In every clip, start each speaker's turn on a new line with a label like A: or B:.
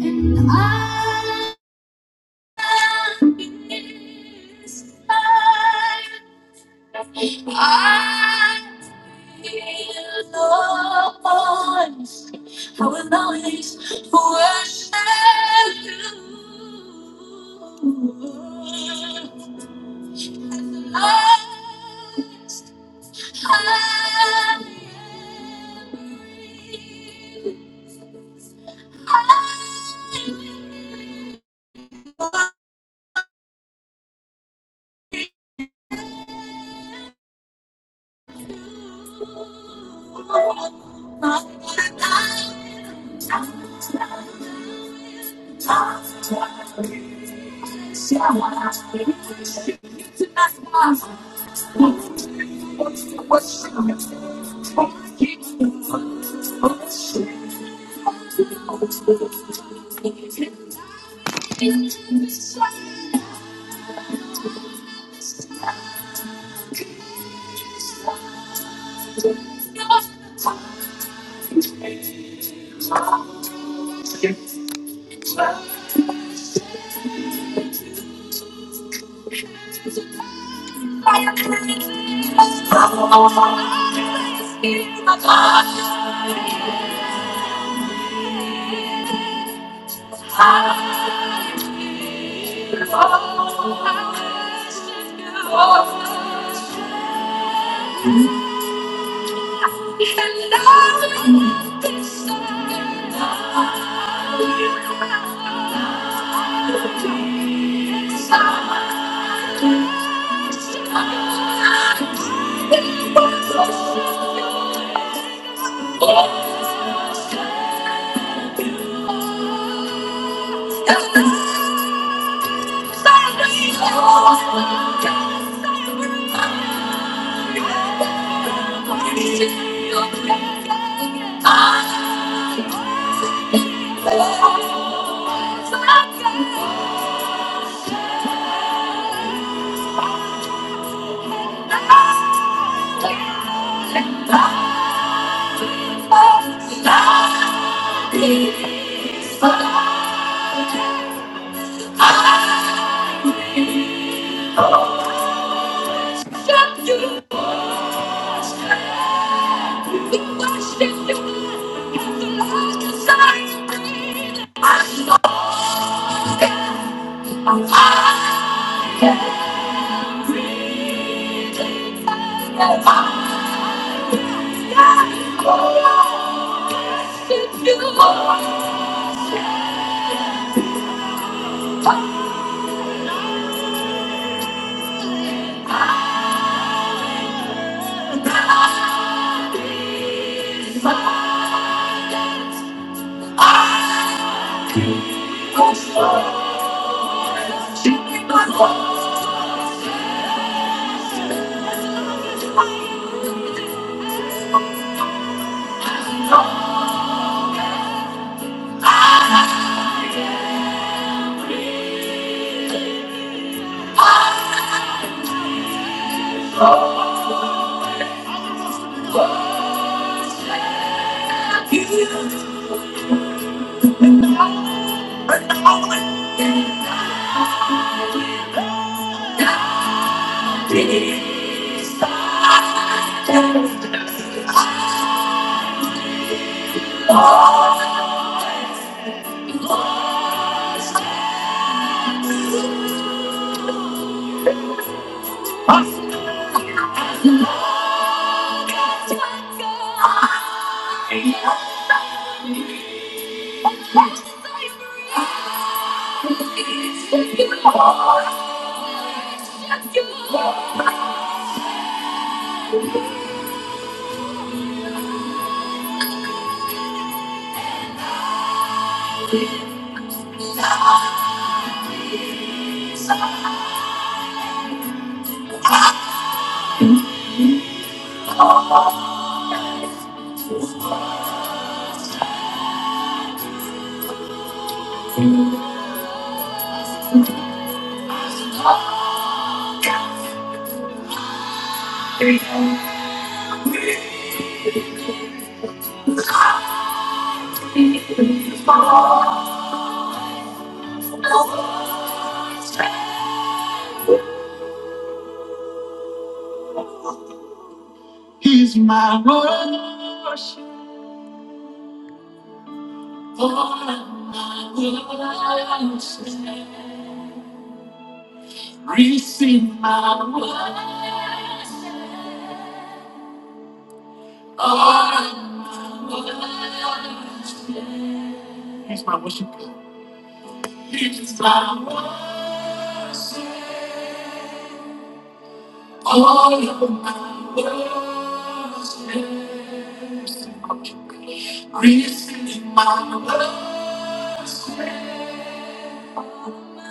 A: And I am inspired. I feel Lord, I will always worship you. Lost I am. free. I will Oh, And I will I I will I Thank you. He's my worship. All I worship. Receive my worship. All I worship. He's my worship. He's my worship. All of my worship. Receive my worship.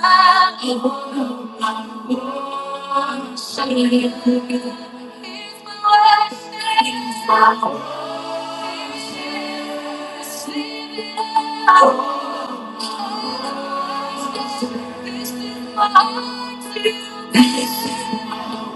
A: My Lord, my worship. He's my worship. Receive my worship. This is my all my sins. All my sins. All my sins. All my sins. All my sins. All my sins. All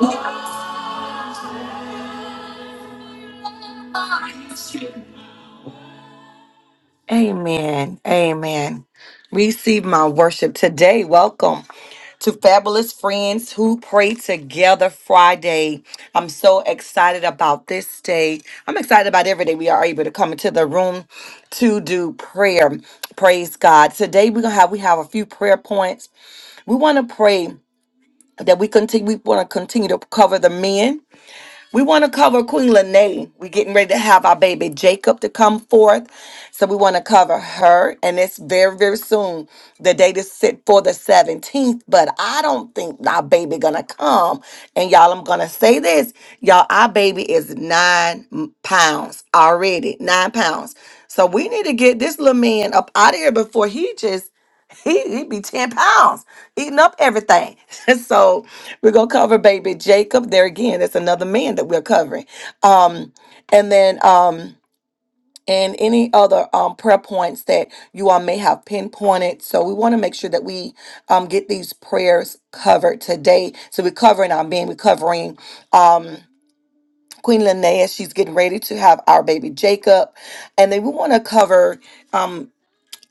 A: my sins. All my sins. Amen. Amen. Receive my worship today. Welcome to Fabulous Friends Who Pray Together Friday. I'm so excited about this day. I'm excited about every day we are able to come into the room to do prayer. Praise God. Today we're gonna have we have a few prayer points. We want to pray that we continue we want to continue to cover the men we want to cover Queen Lene. We're getting ready to have our baby Jacob to come forth. So we want to cover her. And it's very, very soon. The date is set for the 17th. But I don't think our baby gonna come. And y'all, I'm gonna say this. Y'all, our baby is nine m- pounds already. Nine pounds. So we need to get this little man up out of here before he just he he be 10 pounds eating up everything. so we're gonna cover baby Jacob. There again, that's another man that we're covering. Um, and then um and any other um prayer points that you all may have pinpointed. So we want to make sure that we um get these prayers covered today. So we're covering our men, we're covering um Queen Linnea, she's getting ready to have our baby Jacob. And then we want to cover um,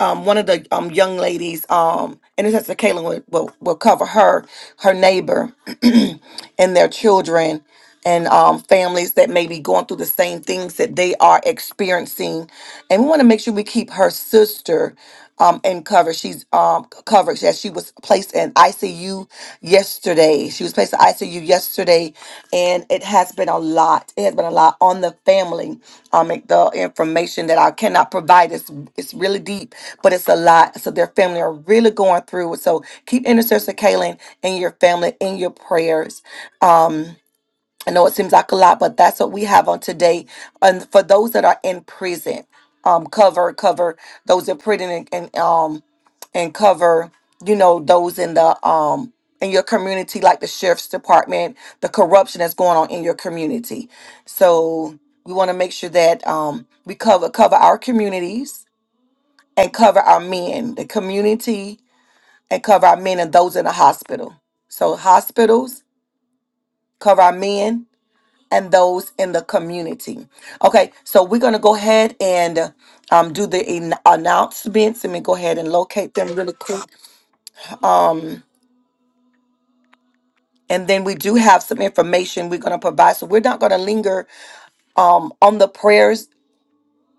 A: um, one of the um, young ladies, um, and this has to Caitlin will, will, will cover her, her neighbor, and their children, and um, families that may be going through the same things that they are experiencing, and we want to make sure we keep her sister um, in cover. She's um, c- covered. Yes, she was placed in ICU yesterday. She was placed in ICU yesterday, and it has been a lot. It has been a lot on the family um, and the information that I cannot provide is it's really deep, but it's a lot. So their family are really going through it. So keep intercessor Kaylin and your family in your prayers. Um, I know it seems like a lot, but that's what we have on today. And for those that are in prison, um, cover cover those in prison and, and um and cover you know those in the um in your community, like the sheriff's department, the corruption that's going on in your community. So we want to make sure that um we cover cover our communities and cover our men, the community, and cover our men and those in the hospital. So hospitals cover our men, and those in the community. Okay, so we're going to go ahead and um, do the an- announcements. Let me go ahead and locate them really quick. Um, and then we do have some information we're going to provide. So we're not going to linger um, on the prayers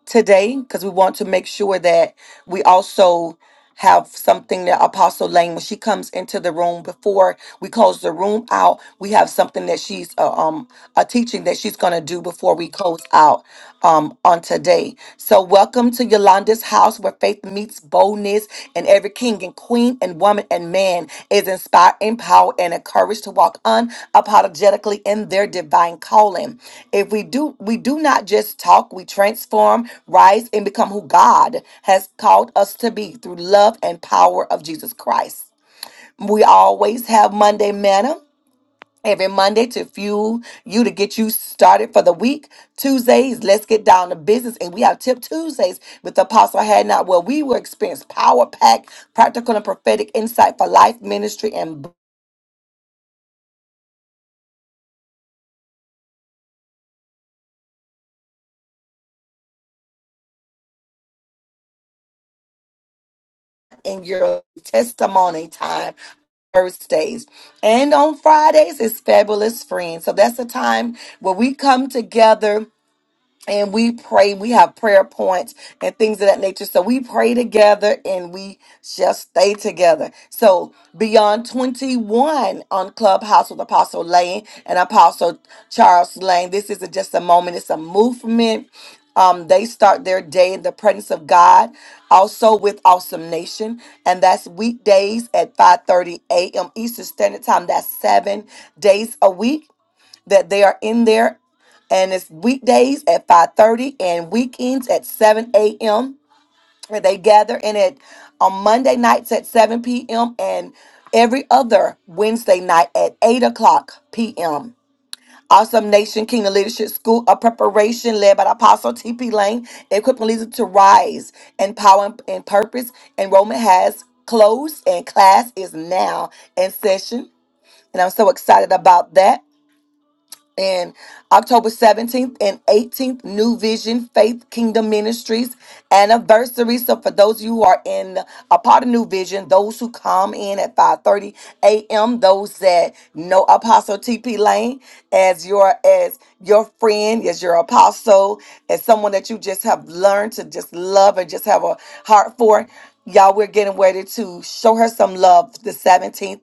A: today because we want to make sure that we also have something that Apostle Lane, when she comes into the room before we close the room out, we have something that she's uh, um a teaching that she's gonna do before we close out um on today. So welcome to Yolanda's house where faith meets boldness and every king and queen and woman and man is inspired, empowered, and encouraged to walk unapologetically in their divine calling if we do we do not just talk we transform rise and become who god has called us to be through love and power of jesus christ we always have monday manna every monday to fuel you to get you started for the week tuesdays let's get down to business and we have tip tuesdays with apostle had not where we will experience power packed practical and prophetic insight for life ministry and. in your testimony time Thursdays. And on Fridays is Fabulous Friends. So that's a time where we come together and we pray. We have prayer points and things of that nature. So we pray together and we just stay together. So beyond 21 on Clubhouse with Apostle Lane and Apostle Charles Lane, this isn't just a moment, it's a movement. Um, they start their day in the presence of God, also with Awesome Nation, and that's weekdays at 5:30 a.m. Eastern Standard Time. That's seven days a week that they are in there and it's weekdays at 5.30 and weekends at 7 a.m where they gather in it on monday nights at 7 p.m and every other wednesday night at 8 o'clock p.m Awesome Nation Kingdom Leadership School of Preparation, led by the Apostle T.P. Lane, equipping leaders to rise in power and and purpose. Enrollment has closed and class is now in session. And I'm so excited about that and October 17th and 18th, New Vision Faith Kingdom Ministries anniversary. So for those of you who are in a part of New Vision, those who come in at 5:30 a.m., those that know Apostle TP Lane as your as your friend, as your apostle, as someone that you just have learned to just love and just have a heart for. Y'all, we're getting ready to show her some love the 17th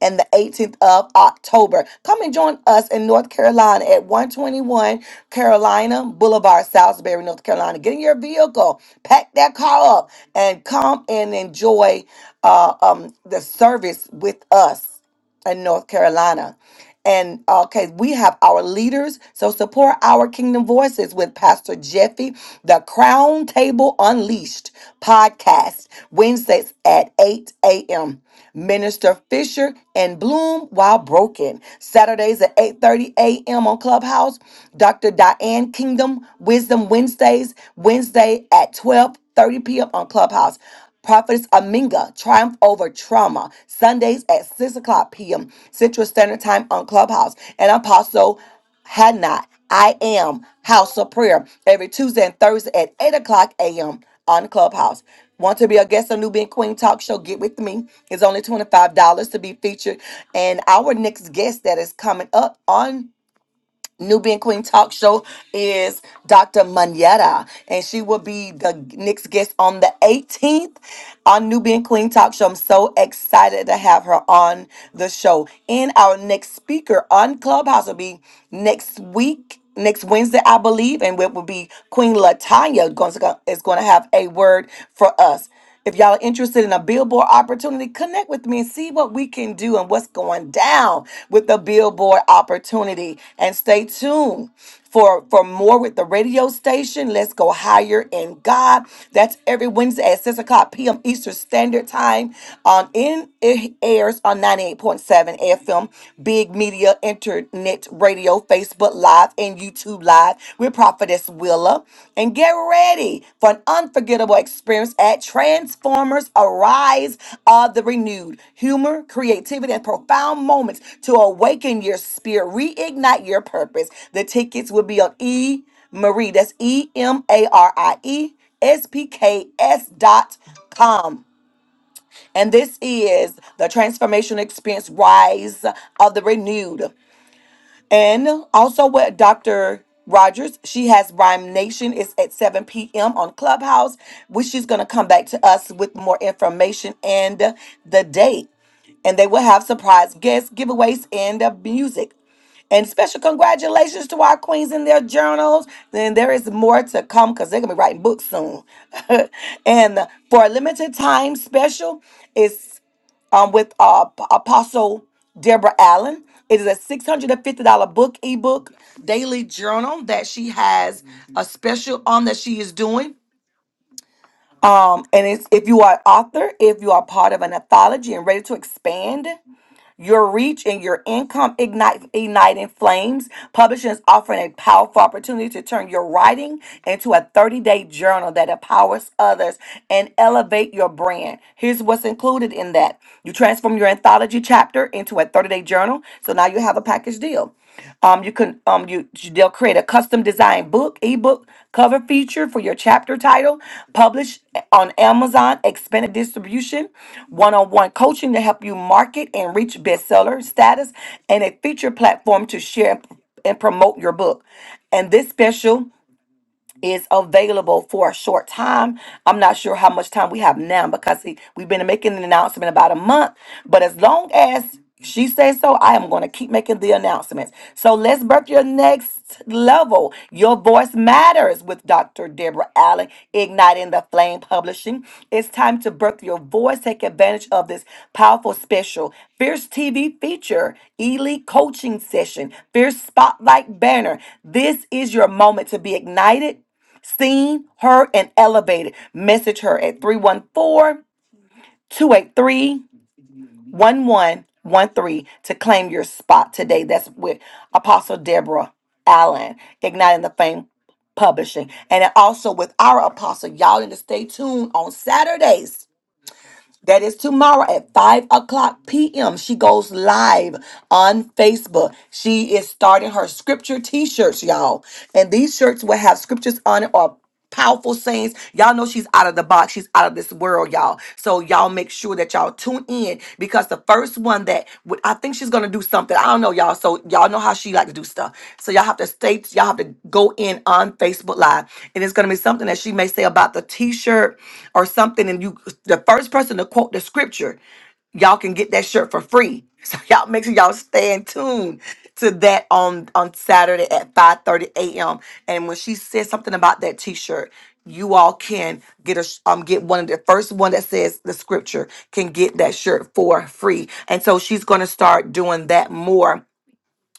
A: and the 18th of October. Come and join us in North Carolina at 121 Carolina Boulevard, Salisbury, North Carolina. Get in your vehicle, pack that car up, and come and enjoy uh, um, the service with us in North Carolina. And okay, we have our leaders. So support our Kingdom Voices with Pastor Jeffy, the Crown Table Unleashed podcast, Wednesdays at 8 a.m. Minister Fisher and Bloom while broken. Saturdays at 8:30 a.m. on Clubhouse. Dr. Diane Kingdom Wisdom Wednesdays, Wednesday at 12:30 p.m. on Clubhouse. Prophetess Aminga, Triumph Over Trauma, Sundays at 6 o'clock p.m. Central Standard Time on Clubhouse. And Apostle Hannah, I Am, House of Prayer, every Tuesday and Thursday at 8 o'clock a.m. on Clubhouse. Want to be a guest on Nubian Queen Talk Show? Get with me. It's only $25 to be featured. And our next guest that is coming up on Nubian Queen Talk Show is Dr. Manetta. And she will be the next guest on the 18th on Nubian Queen Talk Show. I'm so excited to have her on the show. And our next speaker on Clubhouse will be next week. Next Wednesday, I believe, and it will be Queen Latanya going to, is going to have a word for us. If y'all are interested in a billboard opportunity, connect with me and see what we can do and what's going down with the billboard opportunity. And stay tuned for for more with the radio station. Let's go higher in God. That's every Wednesday at six o'clock p.m. Eastern Standard Time. On in it airs on ninety eight point seven FM, Big Media Internet Radio, Facebook Live, and YouTube Live. We're Prophetess Willa, and get ready for an unforgettable experience at Transformers Arise of the Renewed. Humor, creativity, and profound moments to awaken your spirit, reignite your purpose. The tickets will be on E Marie. That's E M A R I E S P K S dot com. And this is the transformation experience rise of the renewed. And also with Dr. Rogers, she has Rhyme Nation. It's at 7 p.m. on Clubhouse, which she's going to come back to us with more information and the date. And they will have surprise guests, giveaways, and uh, music. And special congratulations to our queens in their journals. Then there is more to come because they're going to be writing books soon. and for a limited time special, it's um, with uh, P- Apostle Deborah Allen. It is a $650 book, ebook, daily journal that she has a special on that she is doing. Um, and it's if you are an author, if you are part of an anthology and ready to expand, your reach and your income ignite igniting flames. Publishing is offering a powerful opportunity to turn your writing into a 30-day journal that empowers others and elevate your brand. Here's what's included in that. You transform your anthology chapter into a 30-day journal. So now you have a package deal. Um, you can um you they'll create a custom design book, ebook cover feature for your chapter title, publish on Amazon, expanded distribution, one-on-one coaching to help you market and reach bestseller status, and a feature platform to share and promote your book. And this special is available for a short time. I'm not sure how much time we have now because see, we've been making an announcement about a month, but as long as she says so, I am going to keep making the announcements. So let's birth your next level. Your voice matters with Dr. Deborah Allen, Igniting the Flame Publishing. It's time to birth your voice. Take advantage of this powerful special Fierce TV feature, Elite Coaching Session, Fierce Spotlight Banner. This is your moment to be ignited seen, heard, and elevated. Message her at 314 283 1113 to claim your spot today. That's with Apostle Deborah Allen, Igniting the Fame Publishing. And also with our apostle, y'all need to stay tuned on Saturdays that is tomorrow at 5 o'clock p.m. She goes live on Facebook. She is starting her scripture t shirts, y'all. And these shirts will have scriptures on it or powerful sayings. Y'all know she's out of the box. She's out of this world, y'all. So y'all make sure that y'all tune in because the first one that would- I think she's gonna do something. I don't know, y'all. So y'all know how she like to do stuff. So y'all have to stay. Y'all have to go in on Facebook Live, and it's gonna be something that she may say about the T-shirt or something and you the first person to quote the scripture y'all can get that shirt for free. So y'all make sure y'all stay in tune to that on on Saturday at 5:30 a.m. And when she says something about that T-shirt, you all can get a sh- um get one of the first one that says the scripture can get that shirt for free. And so she's going to start doing that more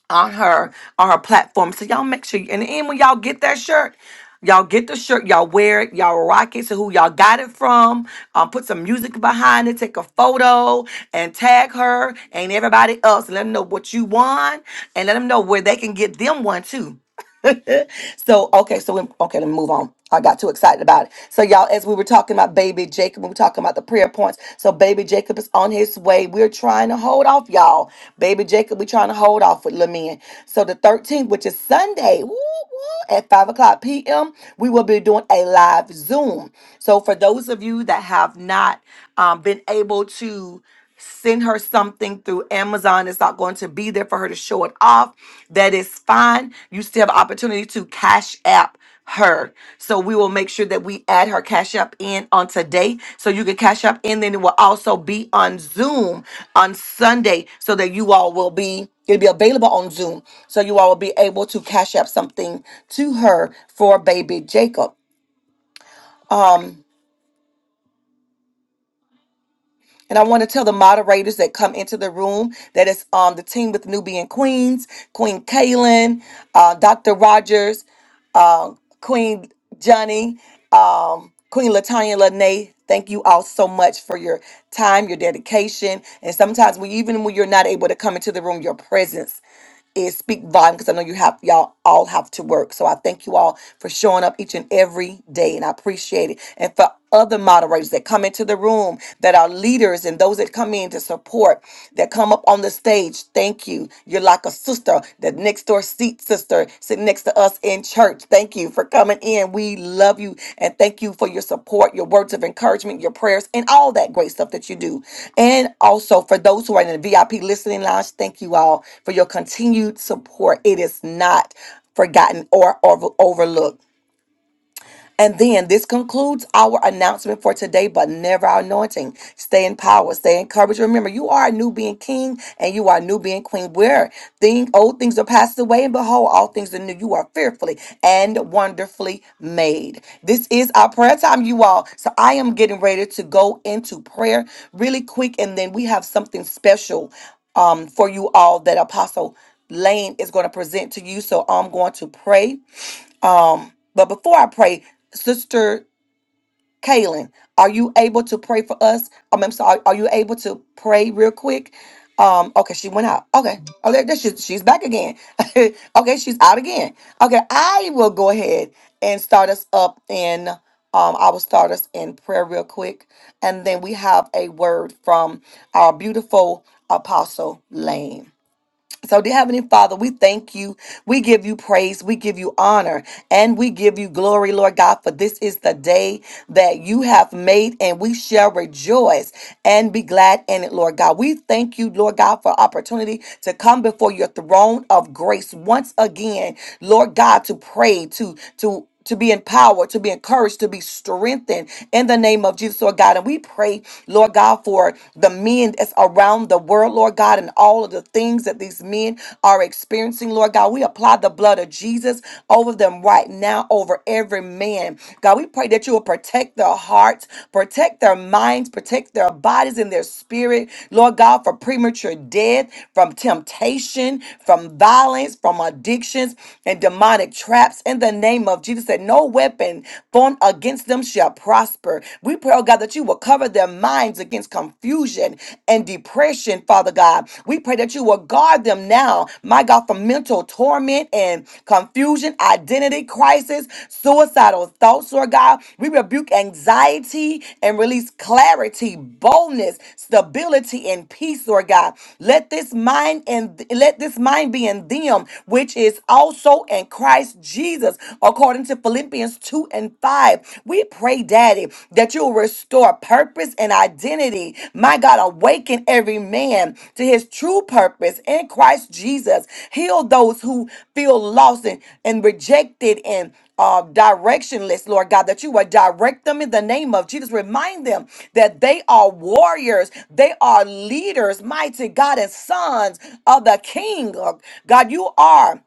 A: on her on her platform. So y'all make sure and then when y'all get that shirt, y'all get the shirt, y'all wear it, y'all rock it to who y'all got it from. Um, put some music behind it, take a photo and tag her and everybody else and let them know what you won and let them know where they can get them one too. So okay, so we, okay, let me move on. I got too excited about it. So y'all, as we were talking about baby Jacob, we were talking about the prayer points. So baby Jacob is on his way. We're trying to hold off, y'all. Baby Jacob, we're trying to hold off with Lamin. So the 13th, which is Sunday, woo, woo, at 5 o'clock p.m., we will be doing a live Zoom. So for those of you that have not um, been able to send her something through Amazon. It's not going to be there for her to show it off. That is fine. You still have opportunity to cash app her. So we will make sure that we add her cash app in on today. So you can cash app in. Then it will also be on Zoom on Sunday so that you all will be it'll be available on Zoom. So you all will be able to cash app something to her for baby Jacob. Um, And I want to tell the moderators that come into the room that it's um, the team with Nubian Queens, Queen Kaylin, uh, Dr. Rogers, uh, Queen Johnny, um, Queen Latanya Lene. Thank you all so much for your time, your dedication, and sometimes when even when you're not able to come into the room, your presence is speak volume because I know you have y'all all have to work. So I thank you all for showing up each and every day, and I appreciate it. And for other moderators that come into the room, that are leaders, and those that come in to support, that come up on the stage, thank you. You're like a sister, the next door seat sister sitting next to us in church. Thank you for coming in. We love you and thank you for your support, your words of encouragement, your prayers, and all that great stuff that you do. And also for those who are in the VIP listening lounge, thank you all for your continued support. It is not forgotten or, or overlooked. And then this concludes our announcement for today, but never our anointing. Stay in power, stay encouraged. Remember, you are a new being king and you are a new being queen. Where thing old things are passed away, and behold, all things are new. You are fearfully and wonderfully made. This is our prayer time, you all. So I am getting ready to go into prayer really quick, and then we have something special um, for you all that Apostle Lane is going to present to you. So I'm going to pray. Um, but before I pray, Sister Kaylin, are you able to pray for us? Um, I'm sorry, are you able to pray real quick? Um, okay, she went out. Okay. Oh, there, there she, she's back again. okay, she's out again. Okay, I will go ahead and start us up in um, I will start us in prayer real quick. And then we have a word from our beautiful apostle Lane. So, dear Heavenly Father, we thank you. We give you praise. We give you honor. And we give you glory, Lord God, for this is the day that you have made, and we shall rejoice and be glad in it, Lord God. We thank you, Lord God, for opportunity to come before your throne of grace once again, Lord God, to pray, to, to, to be empowered, to be encouraged, to be strengthened in the name of Jesus, Lord God. And we pray Lord God, for the men that's around the world, Lord God, and all of the things that these men are experiencing, Lord God. We apply the blood of Jesus over them right now, over every man. God, we pray that you will protect their hearts, protect their minds, protect their bodies and their spirit, Lord God, for premature death, from temptation, from violence, from addictions and demonic traps in the name of Jesus. That no weapon formed against them shall shall prosper. We pray, oh God, that you will cover their minds against confusion and depression, Father God. We pray that you will guard them now, my God, from mental torment and confusion, identity crisis, suicidal thoughts, Lord God. We rebuke anxiety and release clarity, boldness, stability, and peace, Lord God. Let this mind and let this mind be in them, which is also in Christ Jesus, according to Philippians 2 and 5. We pray, Daddy, that you'll restore purpose and identity. My God, awaken every man to his true purpose in Christ Jesus. Heal those who feel lost and, and rejected and uh, directionless, Lord God, that you would direct them in the name of Jesus. Remind them that they are warriors, they are leaders, mighty God, and sons of the King. Oh, God, you are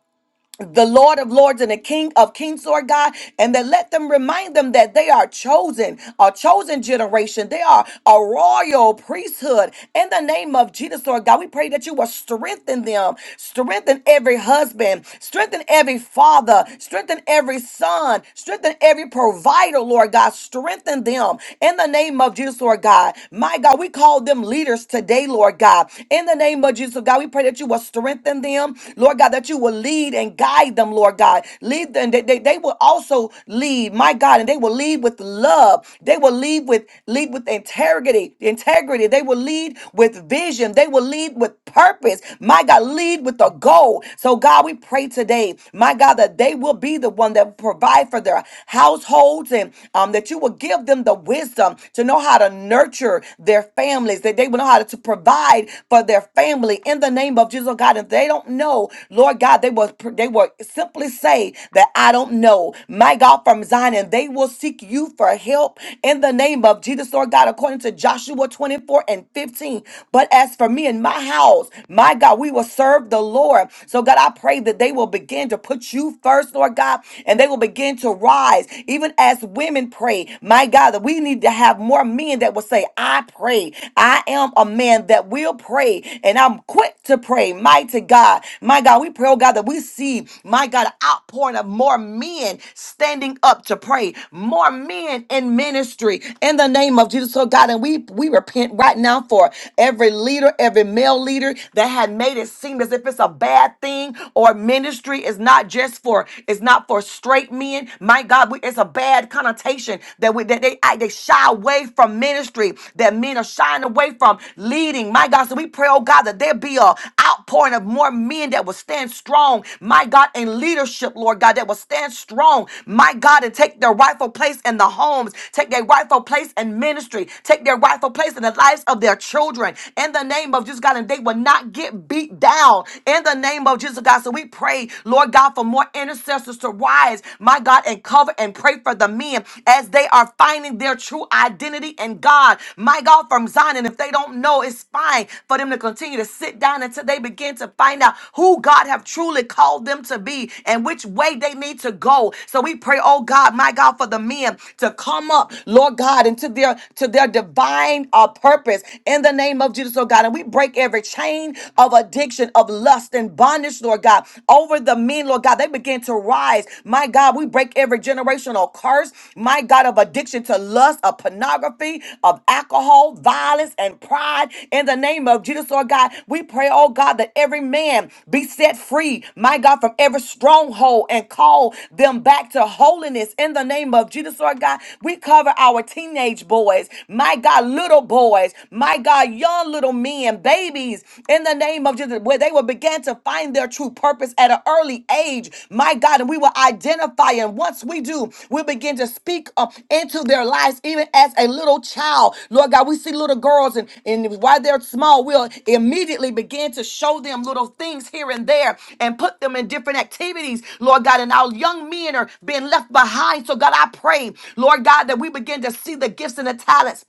A: the Lord of Lords and the King of Kings, Lord God, and that let them remind them that they are chosen, a chosen generation. They are a royal priesthood. In the name of Jesus, Lord God, we pray that you will strengthen them, strengthen every husband, strengthen every father, strengthen every son, strengthen every provider, Lord God, strengthen them. In the name of Jesus, Lord God, my God, we call them leaders today, Lord God. In the name of Jesus, Lord God, we pray that you will you will strengthen them, Lord God, that you will lead and guide them, Lord God. Lead them. They, they, they will also lead, my God, and they will lead with love. They will lead with lead with integrity, integrity. They will lead with vision. They will lead with purpose. My God, lead with a goal. So God, we pray today, my God, that they will be the one that will provide for their households and um, that you will give them the wisdom to know how to nurture their families, that they will know how to God, to provide for their family in the name of Jesus, oh God. If they don't know, Lord God, they will they will simply say that I don't know. My God from Zion, and they will seek you for help in the name of Jesus, Lord God, according to Joshua 24 and 15. But as for me and my house, my God, we will serve the Lord. So God, I pray that they will begin to put you first, Lord God, and they will begin to rise, even as women pray. My God, that we need to have have more men that will say, I pray. I am a man that will pray and I'm quick to pray. Mighty God. My God, we pray, oh God, that we see, my God, an outpouring of more men standing up to pray, more men in ministry in the name of Jesus. oh God, and we we repent right now for every leader, every male leader that had made it seem as if it's a bad thing or ministry is not just for it's not for straight men. My God, we, it's a a bad connotation that we that they I- they shy away from ministry, that men are shying away from leading. My God, so we pray, oh God, that there be a outpouring of more men that will stand strong, my God, in leadership, Lord God, that will stand strong, my God, and take their rightful place in the homes, take their rightful place in ministry, take their rightful place in the lives of their children. In the name of Jesus God, and they will not get beat down in the name of Jesus God. So we pray, Lord God, for more more intercessors to rise, my God, and cover and pray for the men as they are finding their true identity in God. My God, from Zion, and if they don't know, it's fine for them to continue to sit down until they begin to find out who God have truly called them to be and which way they need to go. So we pray, oh God, my God, for the men to come up, Lord God, into their to their divine uh, purpose in the name of Jesus, oh God. And we break every chain of addiction, of lust lust and bondage, Lord God, over the men, Lord God. They begin to rise. My God, we break every generational curse, my God, of addiction to lust, of pornography, of alcohol, violence, and pride. In the name of Jesus, Lord God, we pray, oh God, that every man be set free, my God, from every stronghold and call them back to holiness. In the name of Jesus, Lord God, we cover our teenage boys, my God, little boys, my God, young little men grown men, babies, in the name of Jesus, where they will begin to find their true purpose at an early age, my God, and we will identify. And once we do, we'll begin to speak up into their lives, even as a little child. Lord God, we see little girls, and, and while they're small, we'll immediately begin to show them little things here and there and put them in different activities, Lord God. And our young men are being left behind. So, God, I pray, Lord God, that we begin to see the gifts and the talents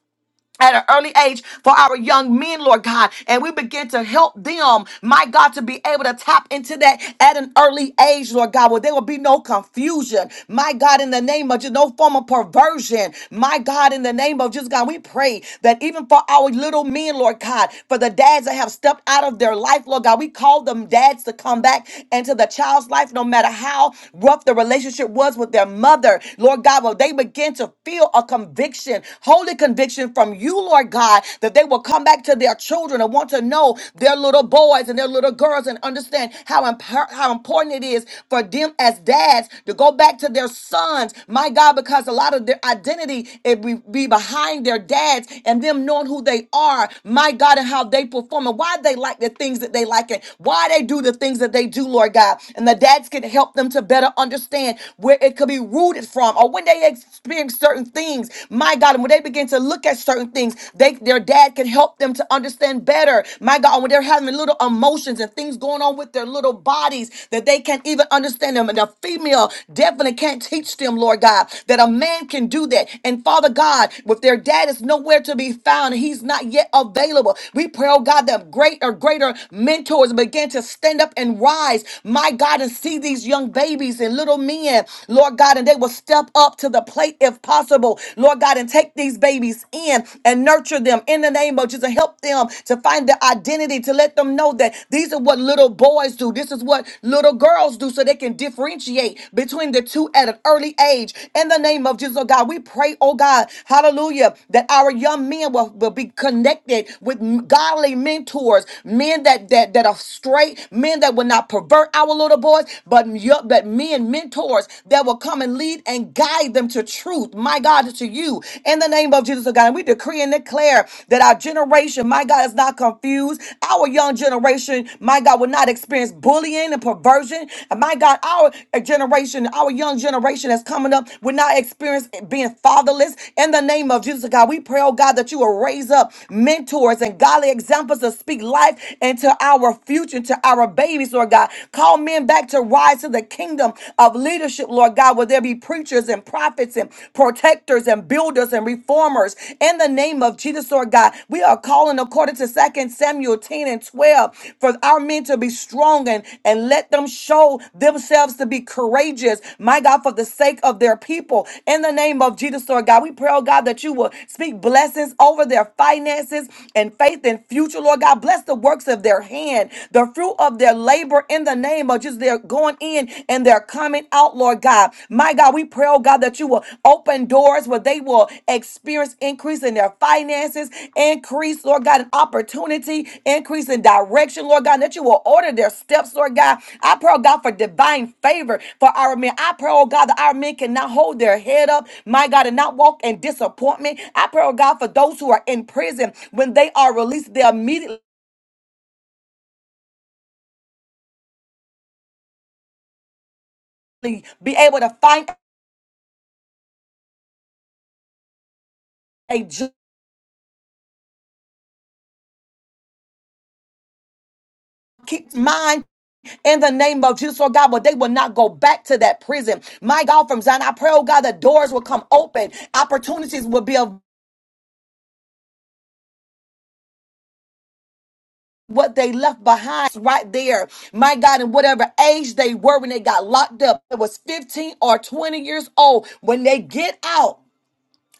A: at an early age for our young men, Lord God. And we begin to help them, my God, to be able to tap into that at an early age, Lord God, where there will be no confusion. My God, in the name of just no form of perversion. My God, in the name of just God, we pray that even for our little men, Lord God, for the dads that have stepped out of their life, Lord God, we call them dads to come back into the child's life, no matter how rough the relationship was with their mother. Lord God, will they begin to feel a conviction? conviction, holy conviction from you, Lord God, that they will come back to their children and want to know their little boys and their little girls and understand how, imp- how important it is for them as dads to go back to their sons, my God, because a lot of their identity it be be behind their dads and them knowing who they are, my God, and how they perform and why they like the things that they like and why they do the things that they do, Lord God. And the dads can help them to better understand where it could be rooted from or when they experience certain things. My God, and when they begin to look at certain things, they their dad can help them to understand better. My God, when they're having little emotions and things going on with their little bodies that they can't even understand them. And a female definitely can't teach them, Lord God, that a man can do that. And Father God, if their dad is nowhere to be found, he's not yet available. We pray, oh God, that greater, greater mentors begin to stand up and rise. My God, and see these young babies and little men, Lord. Lord God, and they will step up to the plate if possible, Lord God, and take these babies in and nurture them in the name of Jesus. Help them to find their identity, to let them know that these are what little boys do, this is what little girls do, so they can differentiate between the two at an early age. In the name of Jesus, oh God, we pray, oh God, hallelujah, that our young men will, will be connected with m- godly mentors, men that, that, that are straight, men that will not pervert our little boys, but up that men, mentors that will come and lead and guide them to truth. My God, to you in the name of Jesus, oh God. And we decree and declare that our generation, my God, is not confused. Our young generation, my God, will not experience bullying and perversion. And my God, our generation, our young generation that's coming up will not experience being fatherless. In the name of Jesus, oh God, we pray, oh God, that you will raise up mentors and godly examples to speak life into our future, to our babies, Lord God. Call men back to rise to the kingdom of leadership, Lord God, where there be preachers and prophets and protectors and builders and reformers. In the name of Jesus, Lord God, we are calling according to Second Samuel 10 and 12 for our men to be strong and, and let them show themselves to be courageous, my God, for the sake of their people. In the name of Jesus, Lord God, we pray, oh God, that you will speak blessings over their finances and faith and future, Lord God. Bless the works of their hand the fruit of their labor in the name of Jesus. They're going in and they're coming out, Lord God. My God, we pray, oh God, that you will open doors where they will experience increase in their finances, increase, Lord God, in opportunity, increase in direction, Lord God, and that you will order their steps, Lord God. I pray, oh God, for divine favor for our men. I pray, oh God, that our men cannot hold their head up, my God, and not walk in disappointment. I pray, oh God, for those who are in prison when they are released, they immediately be able to find a junkie mind in the name of Jesus, oh God, but they will not go back to that prison. My God, from Zion, I pray, oh God, the doors will come open, opportunities will be of what they left behind right there. My God, in whatever age they were when they got locked up, it was 15 or 20 years old. When they get out,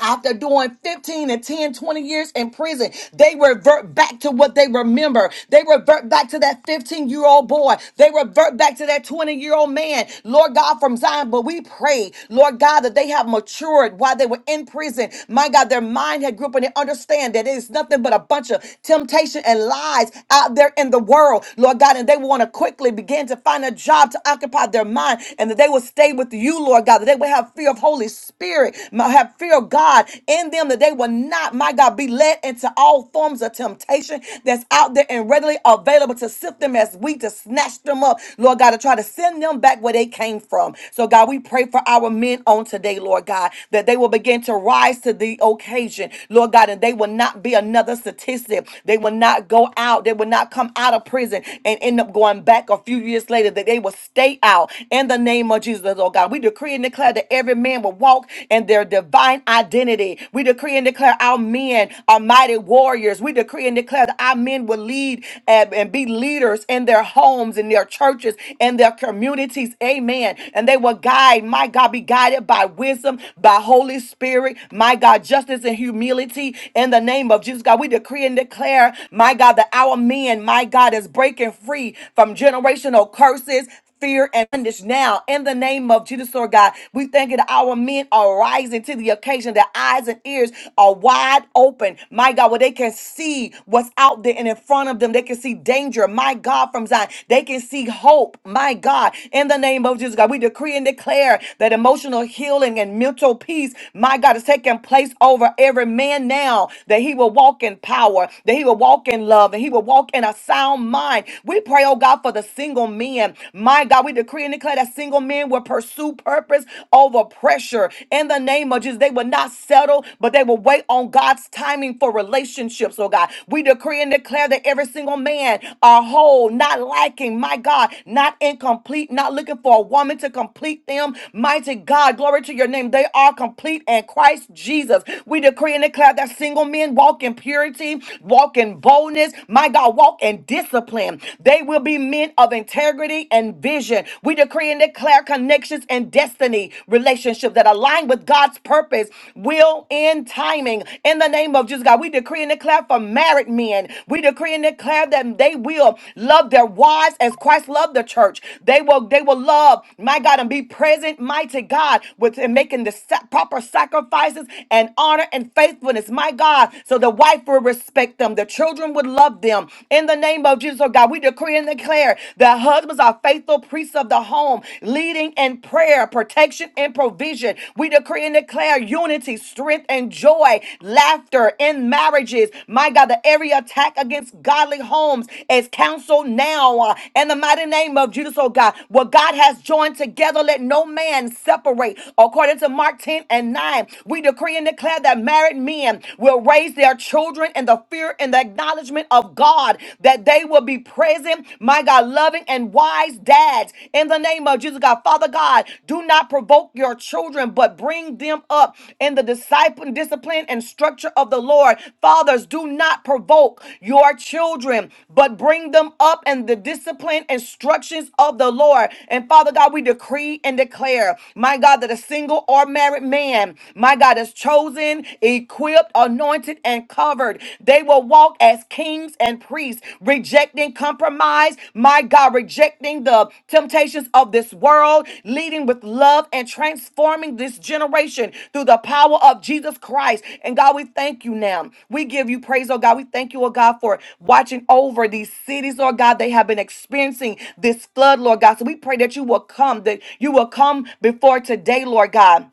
A: after doing 15 and 10, 20 years in prison, they revert back to what they remember. They revert back to that 15 year old boy. They revert back to that 20 year old man. Lord God from Zion, but we pray, Lord God, that they have matured while they were in prison. My God, their mind had grew up and they understand that it is nothing but a bunch of temptation and lies out there in the world, Lord God, and they want to quickly begin to find a job to occupy their mind and that they will stay with you, Lord God, that they will have fear of holy. Holy Spirit my- have fear of God in them that they will not, my God, be led into all forms of temptation that's out there and readily available to sift them as we to snatch them up, Lord God, to try to send them back where they came from. So, God, we pray for our men on today, Lord God, that they will begin to rise to the occasion, Lord God, and they will not be another statistic. They will not go out. They will not come out of prison and end up going back a few years later, that they will stay out in the name of Jesus oh God. We decree and declare that every man will walk in their divine identity. We decree and declare our men are mighty warriors. We decree and declare that our men will lead and and be leaders in their homes, in their churches, in their communities. Amen. And they will guide, my God, be guided by wisdom, by Holy Spirit, my God, justice and humility in the name of Jesus. God, we decree and declare, my God, that our men, my God, is breaking free from generational curses fear and bondage now in the name of Jesus, Lord God. We thank you that our men are rising to the occasion, their eyes and ears are wide open. My God, where they can see what's out there and in front of them. They can see danger, my God, from Zion. They can see hope, my God, in the name of Jesus, God. We decree and declare that emotional healing and mental peace, my God, is taking place over every man now, that he will walk in power, that he will walk in love, and he will walk in a sound mind. We pray, oh God. God, for the single men. My God, we decree and declare that single men will pursue purpose over pressure. In the name of Jesus, they will not settle, but they will wait on God's timing for relationships, oh God. We decree and declare that every single man are whole, not lacking, my God, not incomplete, not looking for a woman to complete them. Mighty God, glory to your name. They are complete in Christ Jesus. We decree and declare that single men walk in purity, walk in boldness, my God, walk walk in discipline. They will be men of integrity and vision. We decree and declare connections and destiny relationships that align with God's purpose, will, and timing. In the name of Jesus, God, we decree and declare for married men. We decree and declare that they will love their wives as Christ loved the church. They will, they will love, my God, and be present, mighty God, with and making the sa- proper sacrifices and honor and faithfulness, my God, so the wife will respect the protect them. The children would love them. In the name of Jesus, oh God, we decree and declare that husbands are faithful priests of the home, leading in prayer, protection, and provision. We decree and declare unity, strength, and joy, laughter in marriages. My God, that every attack against godly homes is counseled now. uh, In the mighty name of Jesus, oh God, what God has joined together, let no man separate. According to Mark 10 and 9, we decree and declare that married men will will raise their children in the fear and the acknowledgement of God, that they will be present, my God, loving and wise dads. In the name of Jesus, God, Father God, do not provoke your children, but bring them up in the disciple, discipline and structure of the Lord. Fathers, do not provoke your children, but bring them up in the discipline instructions of the Lord. And Father God, we decree and declare, my God, that a single or married man, my God, is chosen, equipped, anointed, and covered. They will walk as kings and priests, rejecting compromise, my God, rejecting the temptations of this world, leading with love and transforming this generation through the power of Jesus Christ. And God, we thank you now. We give you praise, oh God. We thank you, oh God, for watching over these cities, Lord God. They have been experiencing this flood, Lord God. So we pray that you will come, that you will come before today, Lord God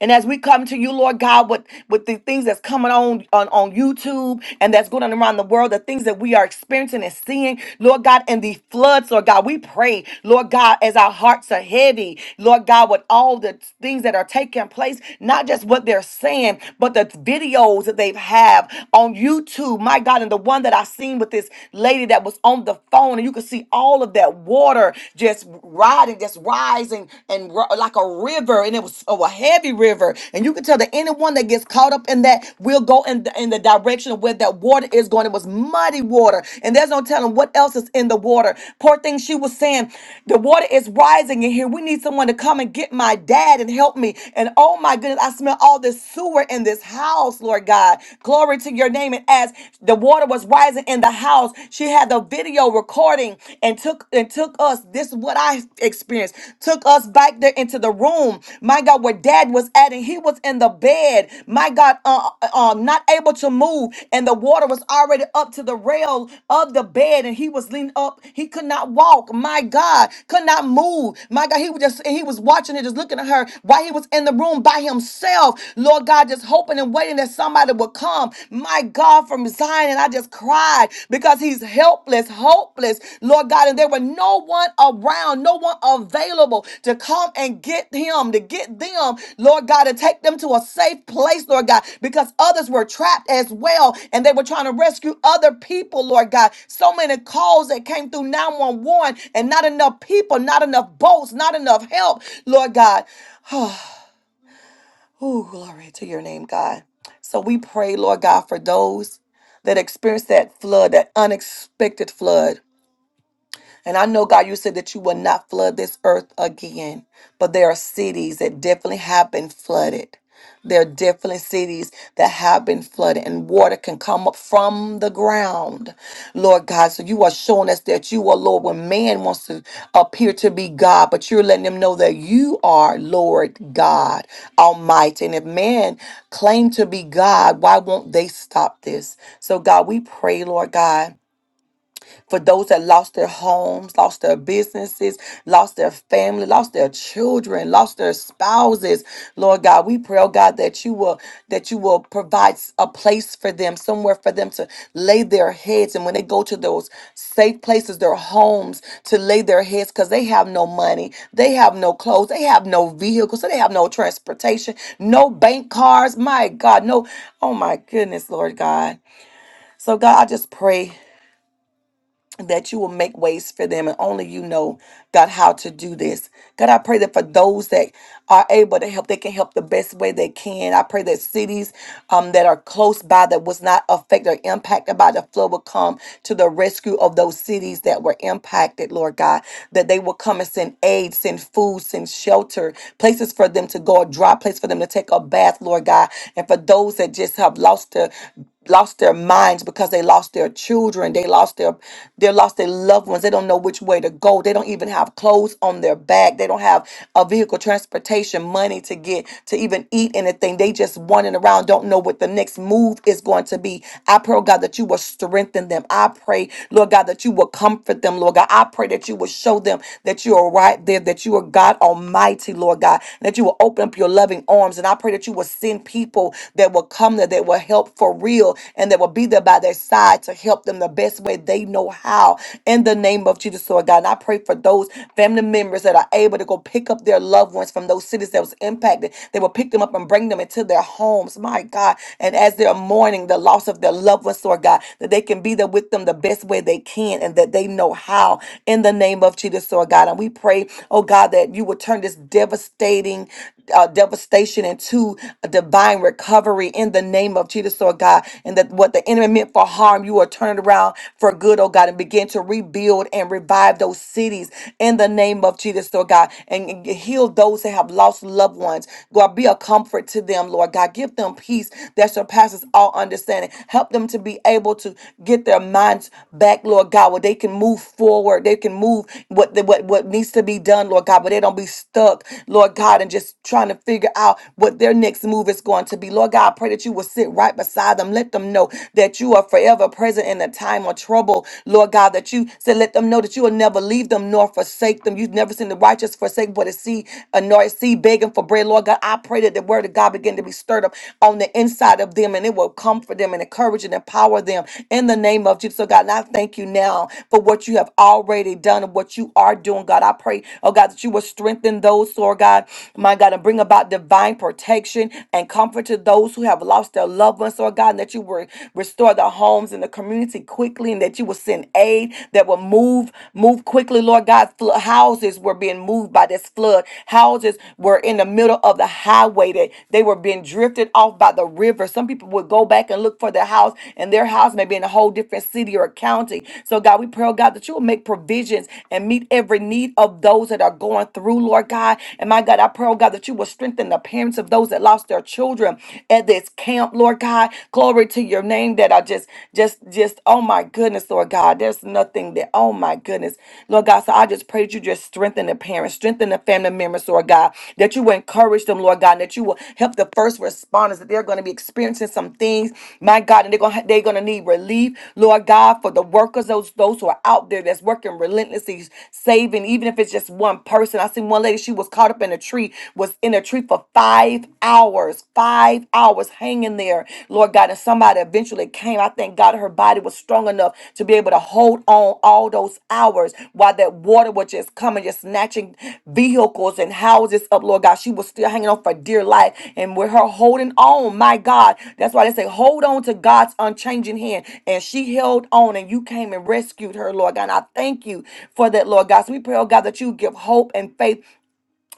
A: and as we come to you, Lord God, with, with the things that's coming on, on on YouTube and that's going on around the world, the things that we are experiencing and seeing, Lord God, and the floods, Lord God, we pray, Lord God, as our hearts are heavy, Lord God, with all the things that are taking place, not just what they're saying, but the videos that they have on YouTube, my God, and the one that I seen with this lady that was on the phone, and you could see all of that water just riding, just rising and ro- like a river, and it was oh, a heavy river. And you can tell that anyone that gets caught up in that will go in the, in the direction of where that water is going. It was muddy water, and there's no telling what else is in the water. Poor thing, she was saying, the water is rising in here. We need someone to come and get my dad and help me. And oh my goodness, I smell all this sewer in this house, Lord God. Glory to your name. And as the water was rising in the house, house. She had the video recording and took and took us. This is what I experienced. Took us back there into the room. My God, where Dad was at, and he was in the bed. My God, uh, uh, um, not able to move, and the water was already up to the rail of the bed, and he was leaning up. He could not walk. My God, could not move. My God, he was just and he was watching it, just looking at her while he was in the room by himself. Lord God, just hoping and waiting that that somebody would come. My God, from Zion, and I just cried because he's helpless, hopeless, Lord God. And there were no one around, no one available to come and get him, to get them, Lord God, to take them to a safe place, Lord God, because others were trapped as well and they were trying to rescue other people, Lord God. So many calls that came through 911 and not enough people, not enough boats, not enough help, Lord God. Oh, glory to your name, God. So we pray, Lord God, for those that experience that flood, that unexpected flood. And I know, God, you said that you will not flood this earth again, but there are cities that definitely have been flooded. There are definitely cities that have been flooded, and water can come up from the ground, Lord God. So you are showing us that you are Lord when man wants to appear to be God, but you're letting them know that you are Lord God Almighty. And if man claim to be God, why won't they stop this? So, God, we pray, Lord God for those that lost their homes, lost their businesses, lost their family, lost their children, lost their spouses. Lord God, we pray, oh God, that you will that you will provide a place for them, somewhere for them to lay their heads. And when they go to those safe places, their homes, to lay their heads, because they have no money, they have no clothes, they have no vehicles, so they have no transportation, no bank cards. My God, no, oh my goodness, Lord God. So God, I just pray that you will make ways for them and only you know god how to do this god i pray that for those that are able to help they can help the best way they can i pray that cities um, that are close by that was not affected or impacted by the flood will come to the rescue of those cities that were impacted lord god that they will come and send aid, send food, send shelter, places for them to go, a dry place for them to take a bath, Lord God. And for those that just have lost their lost their minds because they lost their children they lost their they lost their loved ones they don't know which way to go they don't even have clothes on their back they don't have a vehicle transportation money to get to even eat anything they just wandering around don't know what the next move is going to be i pray oh god that you will strengthen them I I pray, Lord God, that you will comfort them, Lord God. I pray that you will show them that you are right there, that you are God Almighty, Lord God, and that you will open up your loving arms. And I pray that you will send people that will come there, that will help for real, and that will be there by their side to help them the best way they know how. In the name of Jesus, Lord God. And I pray for those family members that are able to go pick up their loved ones from those cities that was impacted. They will pick them up and bring them into their homes. My God. And as as they're mourning the loss of their loved ones, Lord God, that they can be there with them the best way they can and that they know how in the name of Jesus, Lord God. And we pray, oh God, that you would turn this devastating uh, devastation into a divine recovery in the name of Jesus, Lord God, and that what the enemy meant for harm, you are turning around for good, oh God, and begin to rebuild and revive those cities in the name of Jesus, Lord God, and and heal those that have lost loved ones, God, be a comfort to them, Lord God. Give them peace that surpasses all understanding. Help them to be able to get their minds back, Lord God, where they can move forward. They can move what the, what, what needs to be done, Lord God, but they don't be stuck, Lord God, and just trying to figure out what their next move is going to be. Lord God, I pray that you will sit right beside them. Let them know that you are forever present in a time of trouble, Lord God, that you said, let them know that you will never leave them nor forsake them. You never never seen the righteous forsake, but a seed, a nor a seed begging for bread. Lord God, I pray that the word of God begin to be stirred up on the inside of them and it will comfort them and encourage and empower them in the name of Jesus. So God, and I thank you now for what you have already done and what you are doing, God. I pray, oh God, that you will strengthen those, Lord God, my God, and bring about divine protection and comfort to those who have lost their loved ones, Lord God, and that you will restore their homes and the community quickly and that you will send aid aid that will move, move quickly, Lord God. Flo- houses were being moved by this flood. Houses were in the middle of the highway that they were being drifted off by the river. Some people would go back and look for their house, and their house may be in a whole different city or county. So, God, we pray, oh God, that you will make provisions and meet every need of those that are going through, Lord God. And my God, I pray, oh God, that you will strengthen the parents of those that lost their children at this camp, Lord God. Glory to your your name that I just, just, just, oh my goodness, Lord God, there's nothing that, oh my goodness, Lord God. So I just pray that you just strengthen the parents, strengthen the family members, Lord God, that you will encourage them, Lord God, that you will help the first responders that they're going to be experiencing some things, my God, and they're going to they're going to need relief, Lord God, for the workers, those those who are out there that's working relentlessly, saving, even if it's just one person. I seen one lady, she was caught up in a tree, was in a tree for five hours hours, five hours hanging there, Lord God. And somebody eventually came. I thank God her body was strong enough to be able to hold on all those hours while that water was just coming, just snatching vehicles and houses up, Lord God. She was still hanging on for dear life. And with her holding on, my God, that's why they say, hold on to God's unchanging hand. And she held on and you came and rescued her, Lord God. And I thank you for that, Lord God. So we pray, oh God, that you give hope and faith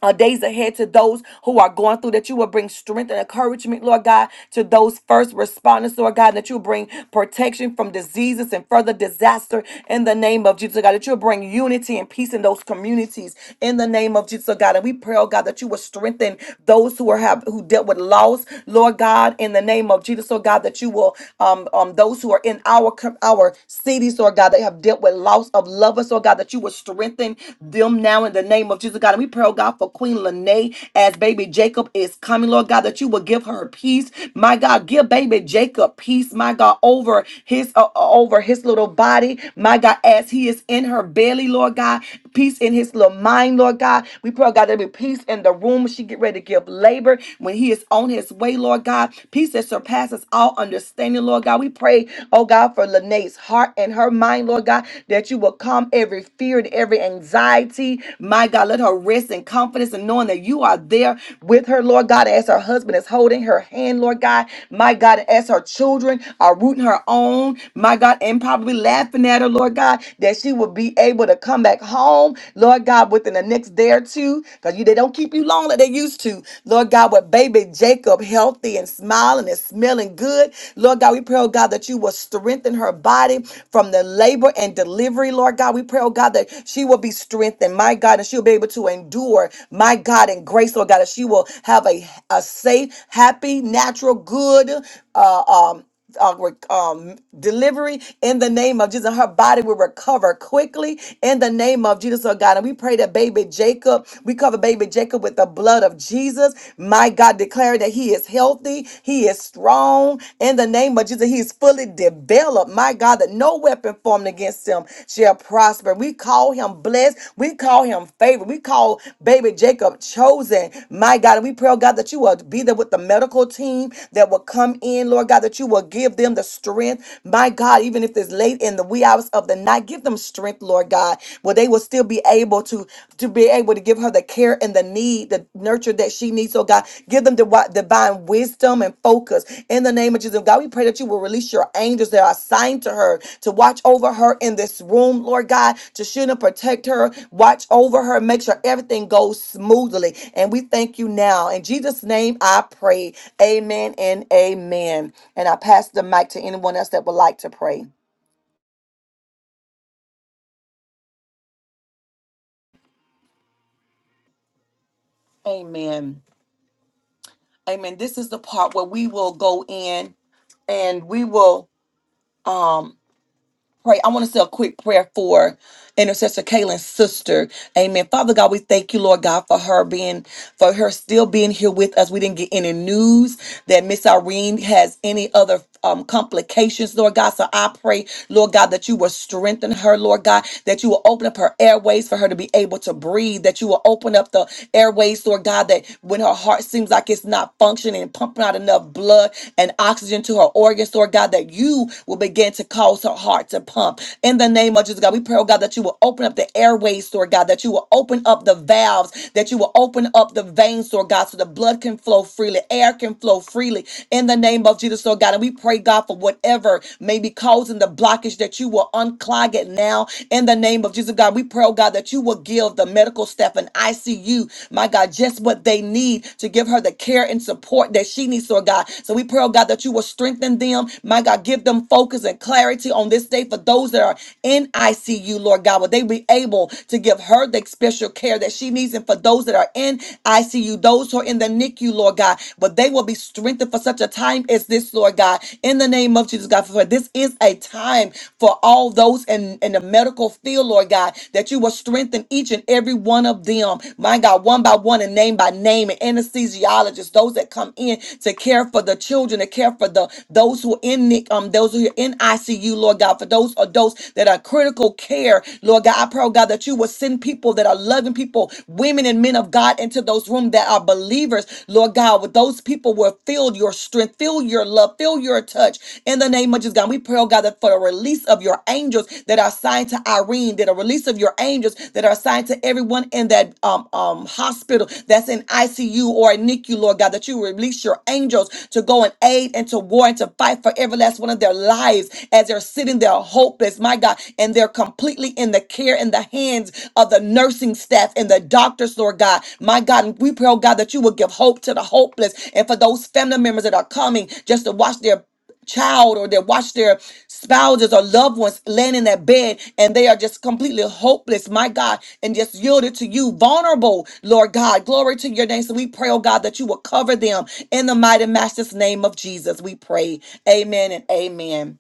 A: uh, days ahead to those who are going through, that you will bring strength and encouragement, Lord God, to those first responders, Lord God, that you will bring protection from diseases and further disaster in the name of Jesus, oh God, that you will bring unity and peace in those communities in the name of Jesus, oh God. And we pray, oh God, that you will strengthen those who are have who dealt with loss, Lord God, in the name of Jesus, oh God, that you will um um those who are in our com- our cities, Lord God, that have dealt with loss of lovers, Lord God, that you would strengthen them now in the name of Jesus, God. And we pray, oh God, for Queen Lene as baby Jacob is coming, Lord God, that you would give her peace. My God, give baby Jacob peace, my God, over his uh, uh, over his little body, my God, as he is in her belly, Lord God, peace in his little mind, Lord God. We pray, oh God, there be peace in the room. She get ready to give labor when he is on his way, Lord God. Peace that surpasses all understanding, Lord God. We pray, oh God, for Lene's heart and her mind, Lord God, that you will calm every fear and every anxiety. My God, let her rest in confidence and knowing that you are there with her, Lord God, as her husband is holding her hand, Lord God. My God, as her children are rooting her on, my God, and probably laughing at her, Lord God, that she will be able able to come back home, Lord God, within the next day or two, because you they don't keep you long like they used to. Lord God, with baby Jacob healthy and smiling and smelling good. Lord God, we pray, oh God, that you will strengthen her body from the labor and delivery, Lord God. We pray, oh God, that she will be strengthened, my God, and she'll be able to endure, my God, in grace, Lord God, that she will have a, a safe, happy, natural, good, uh, um, uh, re- um, delivery in the name of Jesus. Her body will recover quickly in the name of Jesus, oh God. And we pray that baby Jacob, we cover baby Jacob with the blood of Jesus. My God, declare that he is healthy, he is strong in the name of Jesus. He is fully developed. My God, that no weapon formed against bless him shall prosper. We call him blessed. We call him favored. We call baby Jacob chosen. My God, and we pray, oh God, that you will be there with the medical team that will come in, Lord God, that you will give them the strength. My God, even if it's late in the wee hours of the night, give them strength, Lord God, where they will still be able to to be able to give her the care and the need, the nurture that she needs. So, God, give them the wi- divine wisdom and focus in the name of Jesus. God, we pray that you will release your angels that are assigned to her to watch over her in this room, Lord God, to shield and protect her, watch over her, make sure everything goes smoothly. And we thank you now. In Jesus' name, I pray. Amen and amen. And I pass the mic to anyone else that would like to pray. Amen. Amen. This is the part where we will go in and we will. um pray. I want to say a quick prayer for intercessor Kaylin's sister. Amen. Father God, we thank you, Lord God, for her being for her still being here with us. We didn't get any news that Miss Irene has any other um, complications, Lord God. So I pray, Lord God, that you will strengthen her, Lord God, that you will open up her airways for her to be able to breathe, that you will open up the airways, Lord God, that when her heart seems like it's not functioning and pumping out enough blood and oxygen to her organs, Lord God, that you will begin to cause her heart to pump. In the name of Jesus, God, we pray oh oh God, that you will open up the airways, Lord God, that you will open up the valves, that you will open up the veins, Lord God, so the blood can flow freely, air can flow freely in the name of Jesus, Lord God. And we pray, God, for whatever may be causing the blockage, that you will unclog it now in the name of Jesus, God. We pray, oh God, that you will give the medical staff an ICU, my God, just what they need to give her the care and support that she needs, Lord God. So we pray, oh God, that you will strengthen strengthen them. My God, give them focus and clarity on this day for those that are in ICU, Lord God. Will they be able to give her the special care that she needs? And for those that are in ICU, those who are in the NICU, Lord God, but they will be strengthened for such a time as this, Lord God. In the name of Jesus, God, for this is a time for all those in, in the medical field, Lord God, that you will strengthen each and every one of them, my God, one by one, in name name by name and anesthesiologists, those that come in to care for the children, to care for the those who are in NIC, um, those who are in ICU, Lord God, for those adults that are critical care, Lord God, I pray, oh God, that you will send people that are loving people, women and men of God, into those rooms that are believers, Lord God, with those people will feel your strength, feel your love, feel your touch in the name of Jesus, God. We pray, oh God, that for the release of your angels that are assigned to Irene. Irene, that a release of your angels that are assigned to everyone in that um, um, hospital that's in ICU or in NICU, Lord God, that you release your angels to go and aid and to war and to fight for every last one of their lives as they're sitting there hopeless, my God, and they're completely in the care in the hands of the nursing staff and the doctors, Lord God. My God, and we pray, oh God, that you will give hope to the hopeless and for those family members that are coming just to watch their child or that watch their spouses or loved ones laying in that bed and they are just completely hopeless, my God, and just yielded to you, vulnerable, Lord God. Glory to your name. So we pray, oh God, that you will cover them in the mighty master's name of Jesus. We pray. Amen and amen.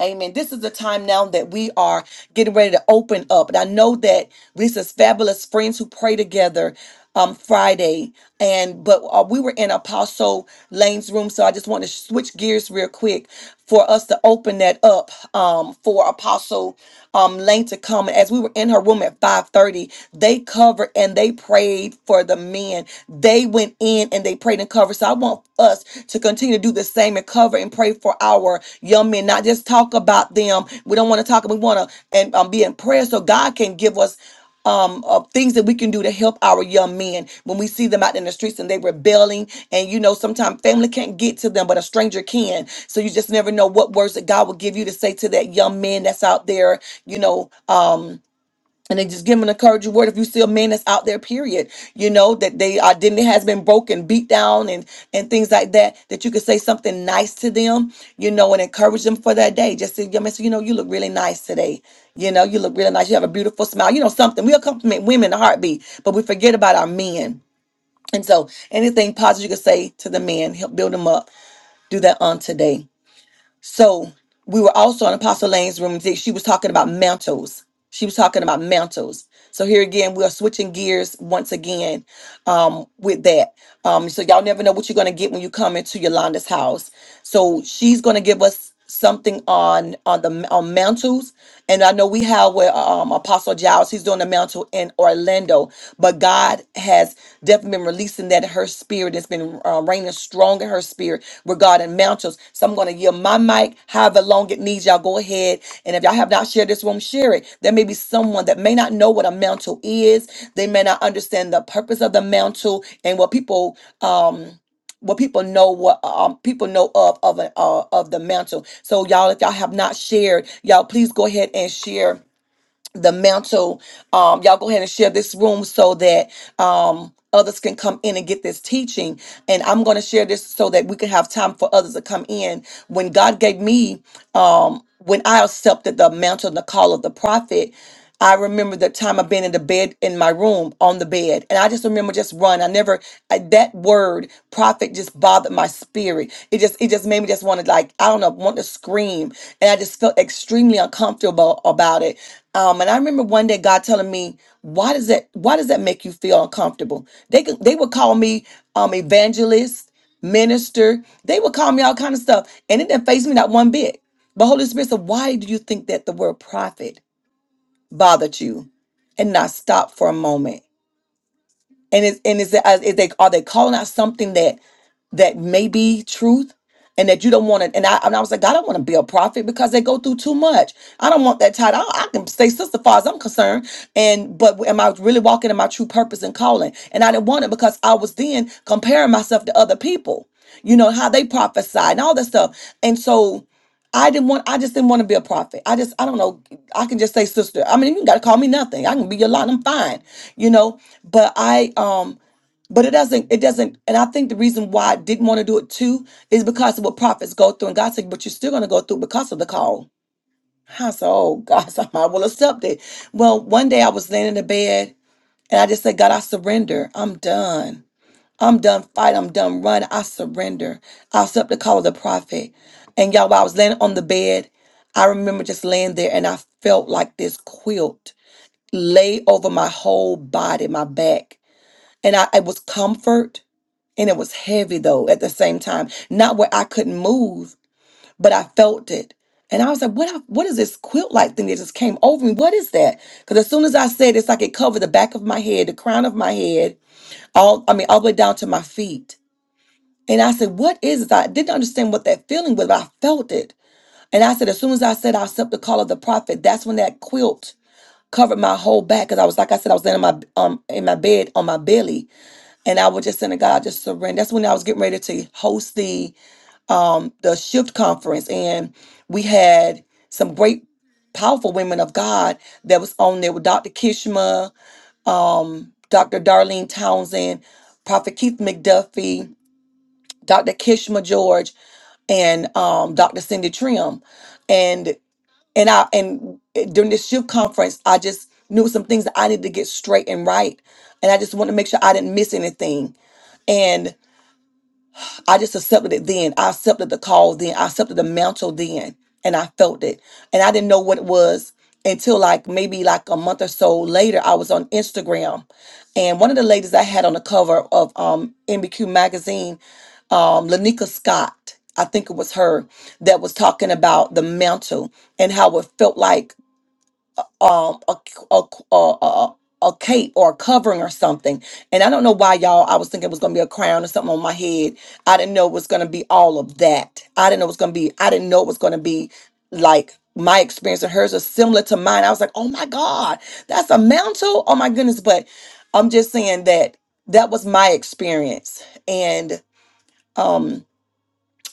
A: Amen. This is the time now that we are getting ready to open up. And I know that this is fabulous friends who pray together um Friday. And but uh, we were in Apostle Lane's room, so I just want to switch gears real quick for us to open that up um for Apostle um, Lane to come. As we were in her room at 5:30, they covered and they prayed for the men. They went in and they prayed and covered. So I want us to continue to do the same and cover and pray for our young men. Not just talk about them. We don't want to talk. We want to and um, be in prayer so God can give us um, of things that we can do to help our young men when we see them out in the streets and they rebelling. And you know, sometimes family can't get to them, but a stranger can. So you just never know what words that God will give you to say to that young man that's out there you know um and they just give them an encouraging word if you see a man that's out there period you know that they identity has been broken beat down and and things like that that you could say something nice to them you know and encourage them for that day just to them you know you look really nice today you know you look really nice you have a beautiful smile you know something we'll compliment women in a heartbeat but we forget about our men and so anything positive you could say to the men help build them up do that on today so we were also in Apostle Lane's room. that She was talking about mantles. She was talking about mantles. So here again, we are switching gears once again um, with that. Um, so y'all never know what you're going to get when you come into Yolanda's house. So she's going to give us something on on the on mantles and i know we have where um apostle giles he's doing a mantle in orlando but god has definitely been releasing that in her spirit it's been uh, raining strong in her spirit regarding mantles. So I'm going to yield my mic however long it needs. Y'all go ahead. And if y'all have not shared this room, share it. There may be someone that may not know what a mantle is. They may not understand the purpose of the mantle and what people, um, what people know what um, people know of of a, uh, of the mantle so y'all if y'all have not shared y'all please go ahead and share the mantle, um y'all go ahead and share this room so that um others can come in and get this teaching and i'm going to share this so that we can have time for others to come in when god gave me um when i accepted the mantle and the call of the prophet I remember the time of being in the bed in my room on the bed, and I just remember just run. I never I, that word prophet just bothered my spirit. It just it just made me just want to like I don't know want to scream, and I just felt extremely uncomfortable about it um, and I remember one day God telling me, "Why does that? Why does that make you feel uncomfortable?" They could, they would call me um, evangelist, minister. They would call me all kind of stuff, and it didn't phase me not one bit. But Holy Spirit said, "Why do you think that the word prophet bothered you, and not stop for a moment?" And is and is, it- is they are they calling out something that that may be truth and that you don't want to and I, and I was like God, I don't want to be a prophet because they go through too much I don't want that title I, I can stay sister far as I'm concerned and but am I really walking in my true purpose and calling and I didn't want it because I was then comparing myself to other people you know how they prophesy and all that stuff and so I didn't want I just didn't want to be a prophet I just I don't know I can just say sister I mean you got to call me nothing I can be your lot I'm fine you know but I um but it doesn't, it doesn't, and I think the reason why I didn't want to do it too is because of what prophets go through. And God said, but you're still going to go through because of the call. I said, oh, God, so I might well accept it. Well, one day I was laying in the bed and I just said, God, I surrender. I'm done. I'm done fight. I'm done run. I surrender. I accept the call of the prophet. And y'all, while I was laying on the bed, I remember just laying there and I felt like this quilt lay over my whole body, my back. And I, it was comfort and it was heavy though at the same time. Not where I couldn't move, but I felt it. And I was like, what, what is this quilt like thing that just came over me? What is that? Because as soon as I said it's like it covered the back of my head, the crown of my head, all I mean, all the way down to my feet. And I said, what is this? I didn't understand what that feeling was, but I felt it. And I said, as soon as I said I accept the call of the prophet, that's when that quilt covered my whole back. Cause I was like I said, I was laying in my um in my bed on my belly and I was just saying to God, just surrender. That's when I was getting ready to host the um the shift conference, and we had some great, powerful women of God that was on there with Dr. Kishma, um, Dr. Darlene Townsend, Prophet Keith McDuffie, Dr. Kishma George, and um, Dr. Cindy Trim, and and I and during this shift conference, I just knew some things that I needed to get straight and right, and I just wanted to make sure I didn't miss anything. I just accepted it then. I accepted the call then. I accepted the mantle then. And I felt it. And I didn't know what it was until like maybe like a month or so later. I was on Instagram. And one of the ladies I had on the cover of um NBQ magazine, um, Lanika Scott, I think it was her, that was talking about the mantle and how it felt like um a, a, a, a, a cape or a covering or something. And I don't know why y'all I was thinking it was gonna be a crown or something on my head. I didn't know it was gonna be all of that. I didn't know it was gonna be I didn't know it was gonna be like my experience and hers are similar to mine. I was like, oh my God, that's a mantle. Oh my goodness. But I'm just saying that that was my experience. And um,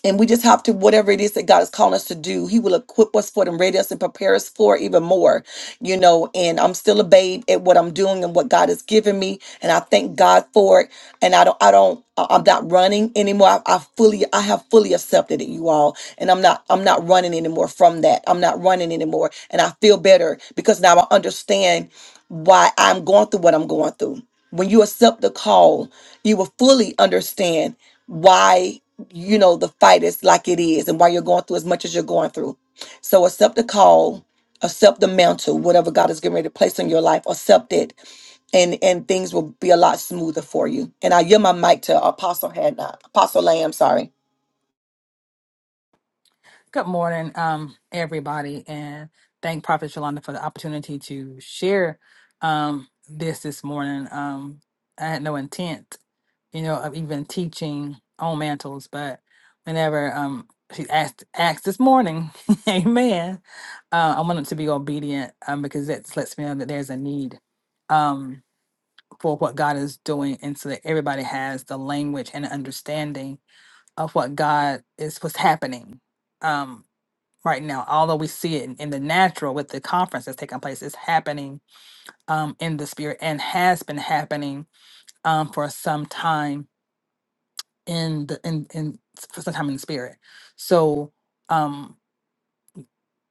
A: and we just have to whatever it is that god is calling us to do he will equip us for it and ready us and prepare us for it even more you know and i'm still a babe at what i'm doing and what god has given me and i thank god for it and i don't i don't I- i'm not running anymore i, I fully i have fully accepted it you all and i'm not i'm not running anymore from that i'm not running anymore and i feel better because now i understand why i'm going through what i'm going through when you accept the call you will fully understand why you know, the fight is like it is and why you're going through as much as you're going through. So accept the call, accept the mantle, whatever God is getting ready to place on your life, accept it, and and things will be a lot smoother for you. And I yield my mic to Apostle Hannah, Apostle Lamb, sorry.
B: Good morning, um, everybody, and thank Prophet Shalonda for the opportunity to share um, this this morning. Um, I had no intent, you know, of even teaching on mantles, but whenever um, she asked asked this morning, Amen. Uh, I wanted to be obedient um, because that lets me know that there's a need um, for what God is doing, and so that everybody has the language and understanding of what God is what's happening. um, right now. Although we see it in, in the natural with the conference that's taking place, it's happening um, in the spirit and has been happening um, for some time in the in, in for some time in the spirit. So um,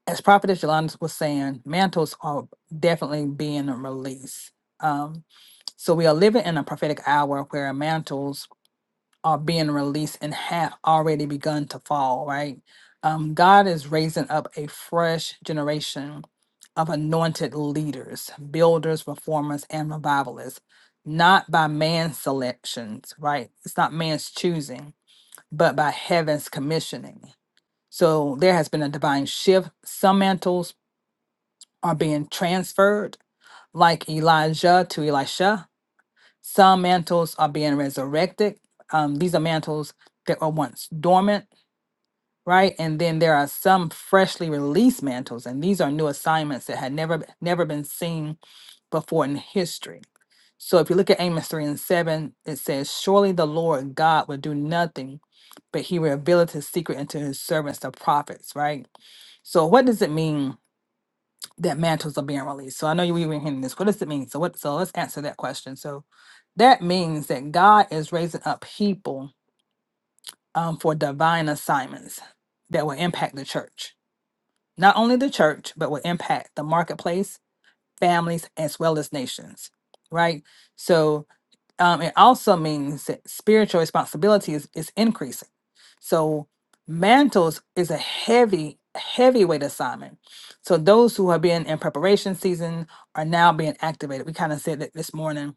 B: as Prophetess Yolanda was saying, mantles are definitely being released. Um, so we are living in a prophetic hour where mantles are being released and have already begun to fall, right? Um, God is raising up a fresh generation of anointed leaders, builders, reformers, and revivalists, not by man's selections, right? It's not man's choosing, but by heaven's commissioning. So there has been a divine shift. Some mantles are being transferred, like Elijah to Elisha, some mantles are being resurrected. Um, these are mantles that were once dormant, right? And then there are some freshly released mantles, and these are new assignments that had never b- never been seen before in history. So if you look at Amos 3 and 7, it says, Surely the Lord God will do nothing, but he revealeth his secret unto his servants, the prophets, right? So what does it mean? that mantles are being released. So I know you we were hearing this. What does it mean? So what so let's answer that question. So that means that God is raising up people um, for divine assignments that will impact the church. Not only the church, but will impact the marketplace, families, as well as nations. Right? So um, it also means that spiritual responsibility is, is increasing. So mantles is a heavy, heavyweight assignment. So those who have been in preparation season are now being activated. We kind of said that this morning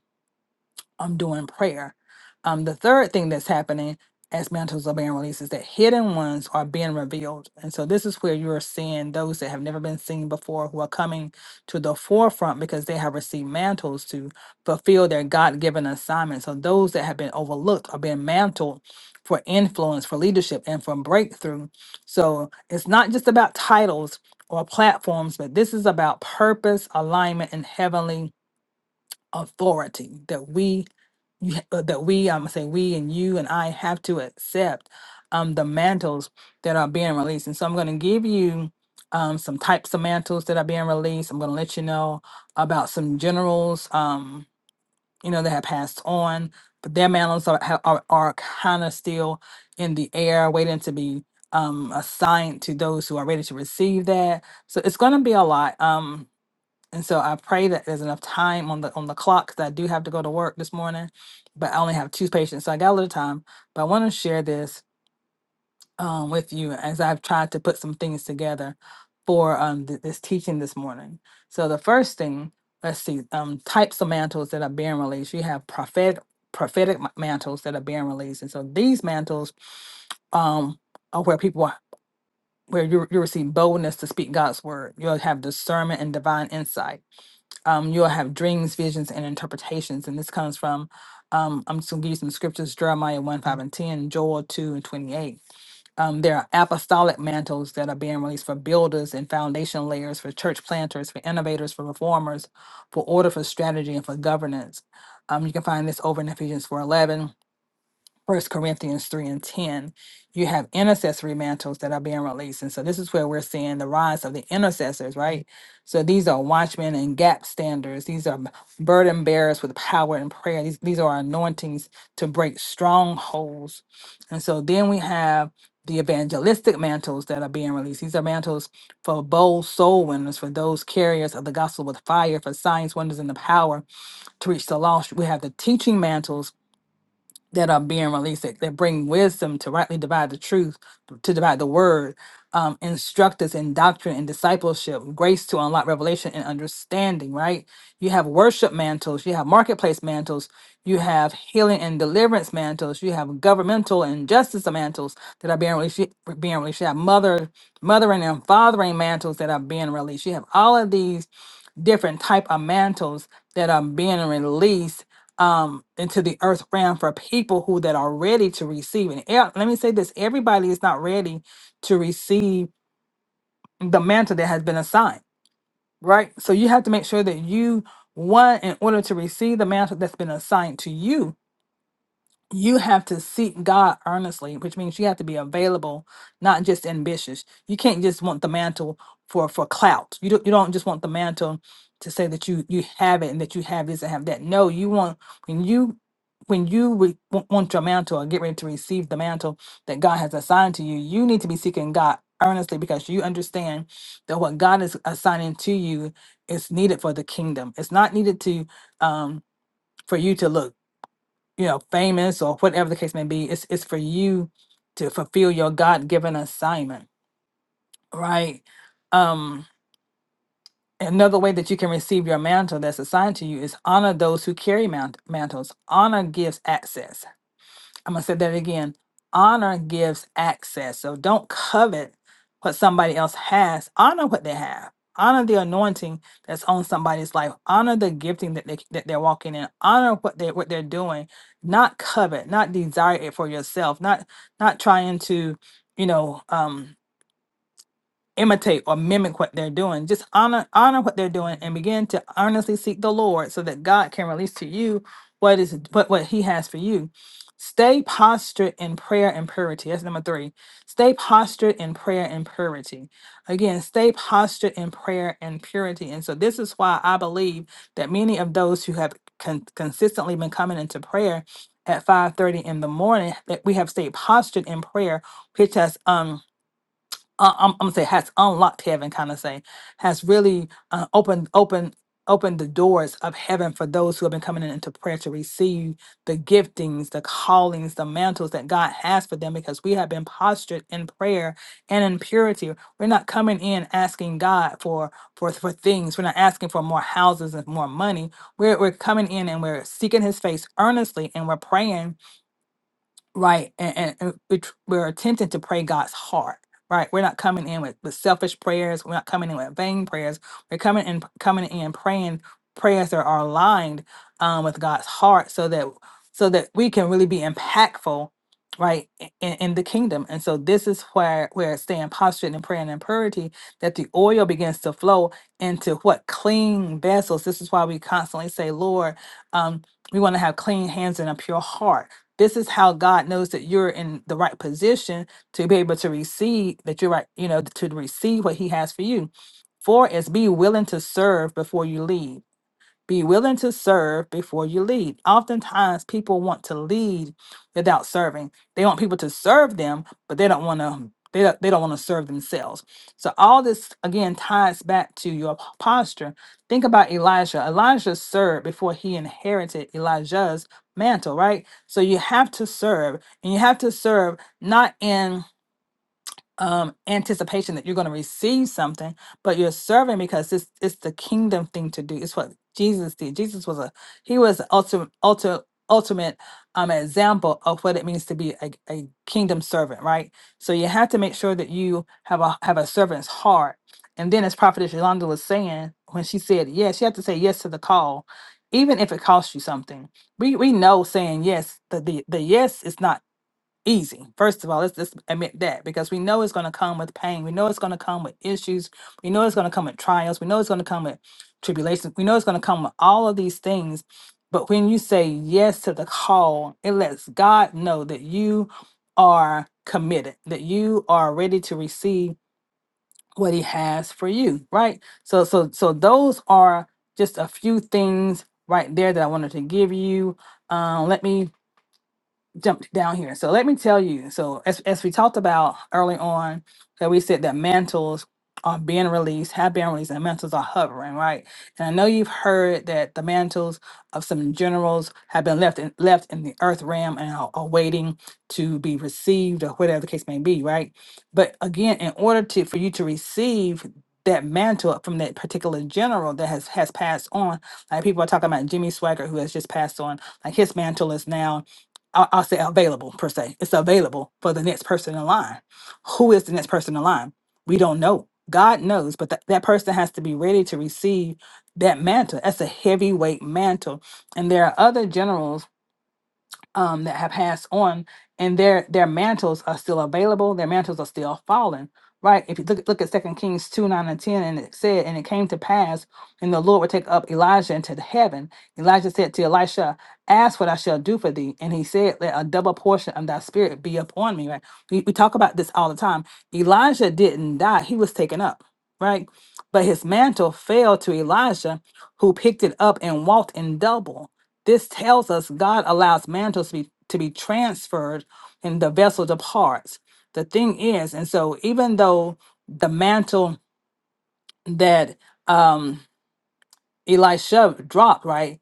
B: um during prayer. Um the third thing that's happening as mantles are being released is that hidden ones are being revealed. And so this is where you're seeing those that have never been seen before who are coming to the forefront because they have received mantles to fulfill their God-given assignment. So those that have been overlooked are being mantled for influence, for leadership, and for breakthrough. So it's not just about titles or platforms, but this is about purpose, alignment, and heavenly authority that we you ha- uh, that we I'm saying we and you and I have to accept um, the mantles that are being released. And so I'm going to give you um, some types of mantles that are being released. I'm going to let you know about some generals, um, you know, that have passed on, but their mantles are ha- are, are kind of still in the air, waiting to be um, assigned to those who are ready to receive that. So it's going to be a lot. Um, and so I pray that there's enough time on the on the clock 'cause I do have to go to work this morning, but I only have two patients, so I got a little time. But I want to share this um, with you as I've tried to put some things together for um, th- this teaching this morning. So the first thing, let's see, um, types of mantles that are being released. You have prophetic prophetic ma- mantles that are being released, and so these mantles um, are where people are, where you you receive boldness to speak God's word. You'll have discernment and divine insight um, you'll have dreams, visions, and interpretations. And this comes from, um, I'm just going to give you some scriptures Jeremiah 1 5 and 10, Joel 2 and 28. Um, there are apostolic mantles that are being released for builders and foundation layers, for church planters, for innovators, for reformers, for order, for strategy, and for governance. Um, you can find this over in Ephesians 4:11. First Corinthians 3 and 10, you have intercessory mantles that are being released. And so this is where we're seeing the rise of the intercessors, right? So these are watchmen and gap standers. These are burden bearers with power and prayer. These, these are anointings to break strongholds. And so then we have the evangelistic mantles that are being released. These are mantles for bold soul winners, for those carriers of the gospel with fire, for signs, wonders, and the power to reach the lost. We have the teaching mantles that are being released that, that bring wisdom to rightly divide the truth, to divide the word, um, instruct us in doctrine and discipleship, grace to unlock revelation and understanding, right? You have worship mantles, you have marketplace mantles, you have healing and deliverance mantles, you have governmental and justice mantles that are being released, being released. You have mother, mothering and fathering mantles that are being released. You have all of these different type of mantles that are being released um into the earth realm for people who that are ready to receive and e- let me say this everybody is not ready to receive the mantle that has been assigned right so you have to make sure that you one in order to receive the mantle that's been assigned to you you have to seek God earnestly, which means you have to be available, not just ambitious. You can't just want the mantle for for clout. You don't you don't just want the mantle to say that you you have it and that you have this and have that. No, you want when you when you re- wa- want your mantle or get ready to receive the mantle that God has assigned to you, you need to be seeking God earnestly because you understand that what God is assigning to you is needed for the kingdom. It's not needed to um for you to look you know, famous or whatever the case may be. It's it's for you to fulfill your God given assignment, right? Um, another way that you can receive your mantle that's assigned to you is honor those who carry mant- mantles. Honor gives access I'm gonna say that again. Honor gives access. So don't covet what somebody else has. Honor what they have. Honor the anointing that's on somebody's life. Honor the gifting that they that they're walking in. Honor what they what they're doing. Not covet. Not desire it for yourself. Not not trying to, you know, um, imitate or mimic what they're doing. Just honor honor what they're doing and begin to earnestly seek the Lord so that God can release to you what is what, what he has for you. Stay postured in prayer and purity. That's number three. Stay postured in prayer and purity. Again, stay postured in prayer and purity. And so this is why I believe that many of those who have con- consistently been coming into prayer at 5:30 in the morning that we have stayed postured in prayer, which has um uh, I'm, I'm gonna say has unlocked heaven, kind of say, has really uh, opened opened opened the doors of heaven for those who have been coming in into prayer to receive the giftings, the callings, the mantles that God has for them because we have been postured in prayer and in purity. We're not coming in asking God for for for things. We're not asking for more houses and more money. We're we're coming in and we're seeking his face earnestly and we're praying right? And, and, and we're, tr- we're attempting to pray God's heart, right? We're not coming in with, with selfish prayers. We're not coming in with vain prayers. We're coming in coming in praying prayers that are aligned um, with God's heart, so that so that we can really be impactful, right, i- in, in the kingdom. And so this is where where staying postured in prayer and in purity, that the oil begins to flow into what clean vessels. This is why we constantly say, Lord, um, we want to have clean hands and a pure heart this is how God knows that you're in the right position to be able to receive that you're right, you know, to receive what He has for you. Four is be willing to serve before you leave be willing to serve before you lead. Oftentimes, people want to lead without serving. They want people to serve them, but they don't want to. They don't, they don't want to serve themselves. So all this again ties back to your posture. Think about Elijah. Elijah served before he inherited Elijah's mantle, right? So you have to serve, and you have to serve not in um anticipation that you're going to receive something but you're serving because it's it's the kingdom thing to do it's what jesus did jesus was a he was the ultimate ultimate ultimate um example of what it means to be a, a kingdom servant right so you have to make sure that you have a have a servant's heart and then as prophetess yolanda was saying when she said yes you have to say yes to the call even if it costs you something we we know saying yes the the, the yes is not easy. First of all, let's just admit that because we know it's going to come with pain. We know it's going to come with issues. We know it's going to come with trials. We know it's going to come with tribulations. We know it's going to come with all of these things. But when you say yes to the call, it lets God know that you are committed, that you are ready to receive what he has for you, right? So so so those are just a few things right there that I wanted to give you. Um let me jumped down here. So let me tell you. So as as we talked about early on, that we said that mantles are being released, have been released, and mantles are hovering, right? And I know you've heard that the mantles of some generals have been left in, left in the earth realm and are, are waiting to be received, or whatever the case may be, right? But again, in order to for you to receive that mantle from that particular general that has has passed on, like people are talking about Jimmy Swagger, who has just passed on, like his mantle is now I'll, I'll say available per se. It's available for the next person in line. Who is the next person in line? We don't know. God knows, but that that person has to be ready to receive that mantle. That's a heavyweight mantle. And there are other generals um, that have passed on, and their their mantles are still available. Their mantles are still falling, right? If you look look at Second Kings two nine and ten, and it said, and it came to pass, and the Lord would take up Elijah into the heaven. Elijah said to Elisha, "Ask what I shall do for thee." And he said, "Let a double portion of thy spirit be upon me." Right? We, we talk about this all the time. Elijah didn't die; he was taken up, right? But his mantle fell to Elijah, who picked it up and walked in double. This tells us God allows mantles to be, to be transferred and the vessel departs. The thing is, and so even though the mantle that um, Elisha dropped, right?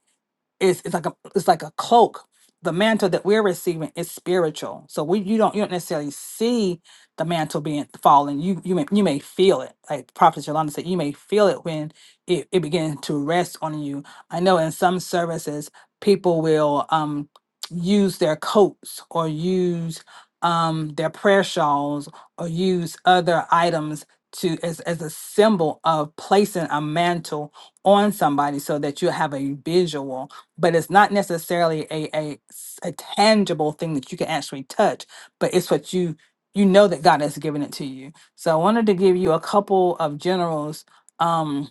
B: it's, it's like a it's like a cloak. The mantle that we're receiving is spiritual, so we you don't you don't necessarily see the mantle being falling. You you may you may feel it, like Prophet Yolanda said, you may feel it when it it begins to rest on you. I know in some services people will um use their coats or use um their prayer shawls or use other items to as as a symbol of placing a mantle on somebody so that you have a visual but it's not necessarily a, a s- a tangible thing that you can actually touch but it's what you you know that god has given it to you so i wanted to give you a couple of generals um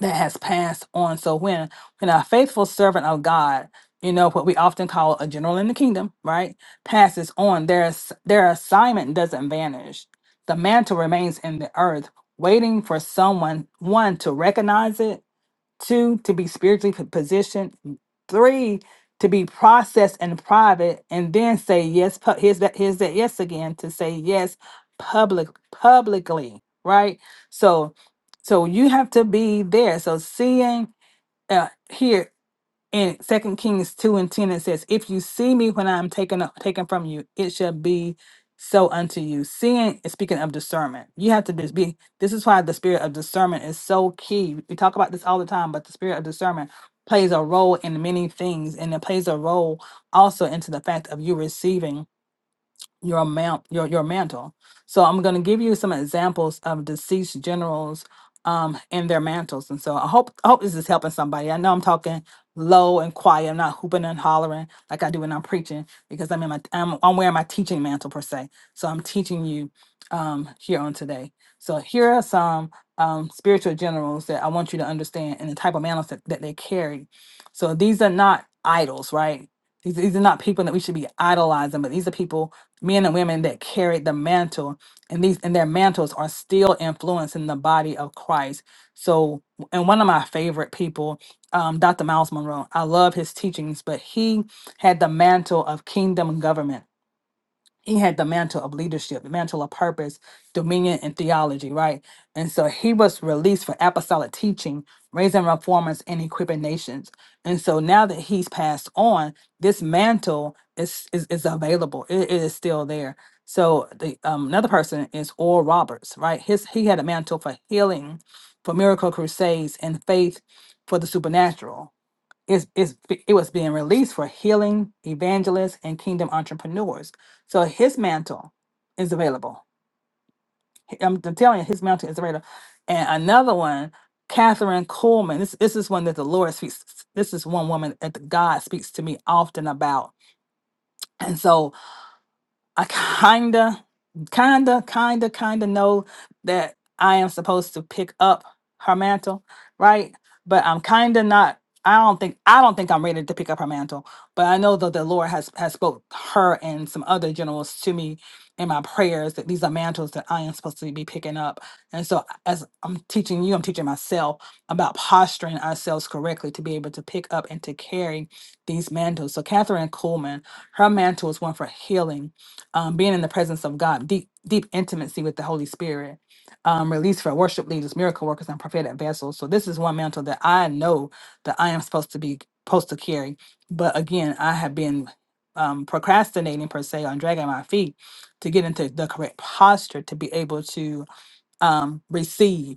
B: that has passed on so when when a faithful servant of god you know what we often call a general in the kingdom right passes on their ass- their assignment doesn't vanish the mantle remains in the earth waiting for someone one to recognize it two to be spiritually p- positioned three to be processed and private and then say yes pu- here's that here's that yes again to say yes public publicly right so so you have to be there so seeing uh, hear in Second Kings two and ten, it says, "If you see me when I am taken up, taken from you, it shall be so unto you." Seeing is speaking of discernment. You have to just be. This is why the spirit of discernment is so key. We talk about this all the time, but the spirit of discernment plays a role in many things, and it plays a role also into the fact of you receiving your mount your your mantle. So I'm going to give you some examples of deceased generals um and their mantles. And so I hope I hope this is helping somebody. I know I'm talking low and quiet. I'm not hooping and hollering like I do when I'm preaching because I'm in my I'm, I'm wearing my teaching mantle per se. So I'm teaching you um here on today. So here are some um spiritual generals that I want you to understand and the type of mantles that, that they carry. So these are not idols, right? These, these are not people that we should be idolizing, but these are people men and women that carried the mantle and these and their mantles are still influencing the body of christ so and one of my favorite people um, dr miles monroe i love his teachings but he had the mantle of kingdom government he had the mantle of leadership, the mantle of purpose, dominion, and theology, right? And so he was released for apostolic teaching, raising reformers, and equipping nations. And so now that he's passed on, this mantle is is, is available. It, it is still there. So the um, another person is Oral Roberts, right? His he had a mantle for healing, for miracle crusades, and faith for the supernatural it's, it's, it was being released for healing, evangelists, and kingdom entrepreneurs. So his mantle is available. H- I'm, I'm telling you, his mantle is available. And another one, Catherine Coleman. This, this is one that the Lord speaks. This is one woman that God speaks to me often about. And so I kinda, kinda, kinda, kinda know that I am supposed to pick up her mantle, right? But I'm kinda not. I don't think I don't think I'm ready to pick up her mantle. But I know that the Lord has has spoke her and some other generals to me in my prayers that these are mantles that I am supposed to be picking up. And so as I'm teaching you, I'm teaching myself about posturing ourselves correctly to be able to pick up and to carry these mantles. So Catherine Coleman, her mantle is one for healing um, being in the presence of God, deep deep intimacy with the Holy Spirit, um, release for worship leaders, miracle workers, and prophetic vessels. So this is one mantle that I know that I am supposed to be supposed to carry, but again, I have been um, procrastinating per se on dragging my feet to get into the correct posture to be able to um, receive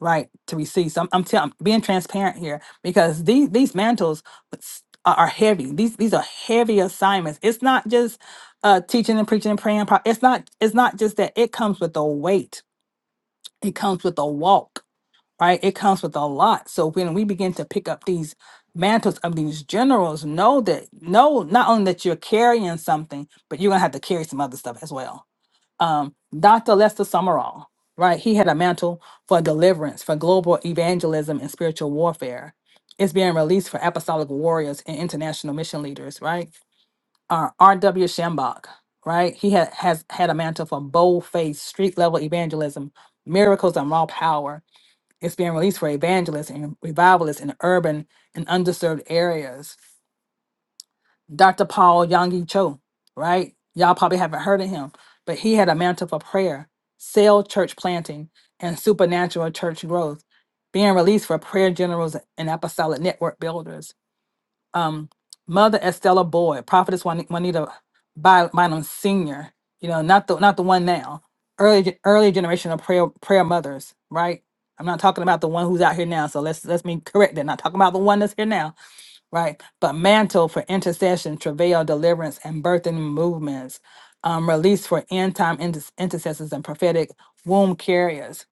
B: right to receive so i'm, I'm, tell, I'm being transparent here because these these mantles s- are are heavy these these are heavy assignments it's not just uh teaching and preaching and praying pro- it's not it's not just that it comes with a weight it comes with a walk right it comes with a lot so when we begin to pick up these mantles of these generals know that know not only that you're carrying something but you're gonna have to carry some other stuff as well um, Dr. Lester Summerall, right? He had a mantle for deliverance, for global evangelism and spiritual warfare. It's being released for apostolic warriors and international mission leaders, right? Uh, R.W. Shambach, right? He ha- has had a mantle for bold faced, street level evangelism, miracles, and raw power. It's being released for evangelists and revivalists in urban and underserved areas Dr. Paul Yonggi Cho, right? Y'all probably haven't heard of him, but he had a mantle for prayer, cell church planting, and supernatural church growth, being released for prayer generals and apostolic network builders. Um, Mother Estella Boyd, Prophetess Juan- Juanita Bi- Bynum Sr., you know, not the not the one now, early ge- early generation of prayer prayer mothers, right? I'm not talking about the one who's out here now, so let's let's me correct that. Not talking about the one that's here now right? But mantle for intercession, travail, deliverance, and birthing movements, um, release for end time inter- intercessors and prophetic womb carriers,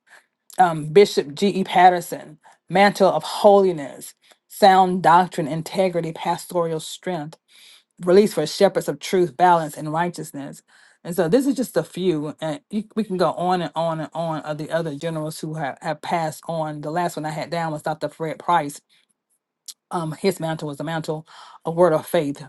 B: um, Bishop G.E. Patterson, mantle of holiness, sound doctrine, integrity, pastoral strength, release for shepherds of truth, balance, and righteousness. And so this is just a few, and you, we can go on and on and on of the other generals who have, have passed on. The last one I had down was Dr. Fred Price, um, his mantle was the mantle of word of faith,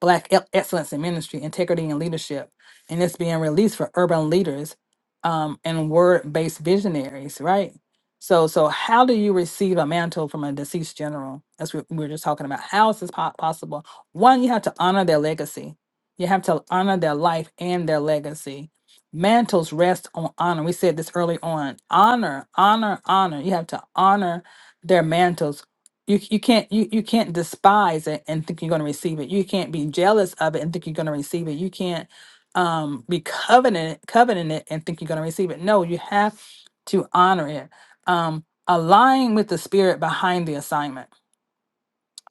B: black e- excellence in ministry, integrity and leadership, and it's being released for urban leaders um, and word-based visionaries, right? So, so how do you receive a mantle from a deceased general? That's what we were just talking about. How is this po- possible? One, you have to honor their legacy. You have to honor their life and their legacy. Mantles rest on honor. We said this early on. Honor, honor, honor. You have to honor their mantles you you can't you you can't despise it and think you're going to receive it. You can't be jealous of it and think you're going to receive it. You can't um be covenant covenant it and think you're going to receive it. No, you have to honor it. Um align with the spirit behind the assignment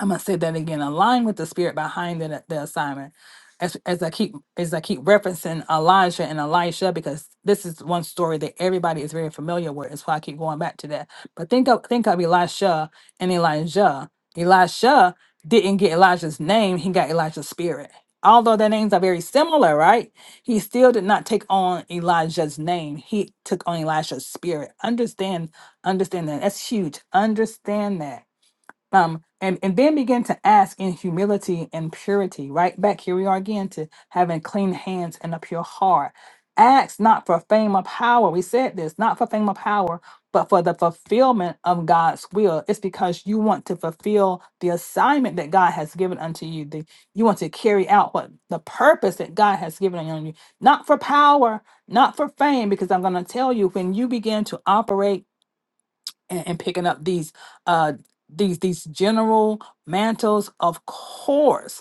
B: I'm gonna say that again. Align with the spirit behind the, the assignment. As, as I keep as I keep referencing Elijah and Elisha because this is one story that everybody is very familiar with. That's why I keep going back to that. But think of think of Elisha and Elijah. Elisha didn't get Elijah's name; he got Elijah's spirit. Although their names are very similar, right? He still did not take on Elijah's name. He took on Elisha's spirit. Understand, understand that. That's huge. Understand that um, and and then begin to ask in humility and purity. Right back here we are again to having clean hands and a pure heart. Ask not for fame or power. We said this, not for fame or power, but for the fulfillment of God's will. It's because you want to fulfill the assignment that God has given unto you. The, you want to carry out what the purpose that God has given unto you, not for power, not for fame. Because I'm going to tell you, when you begin to operate and, and picking up these uh these these general mantles of course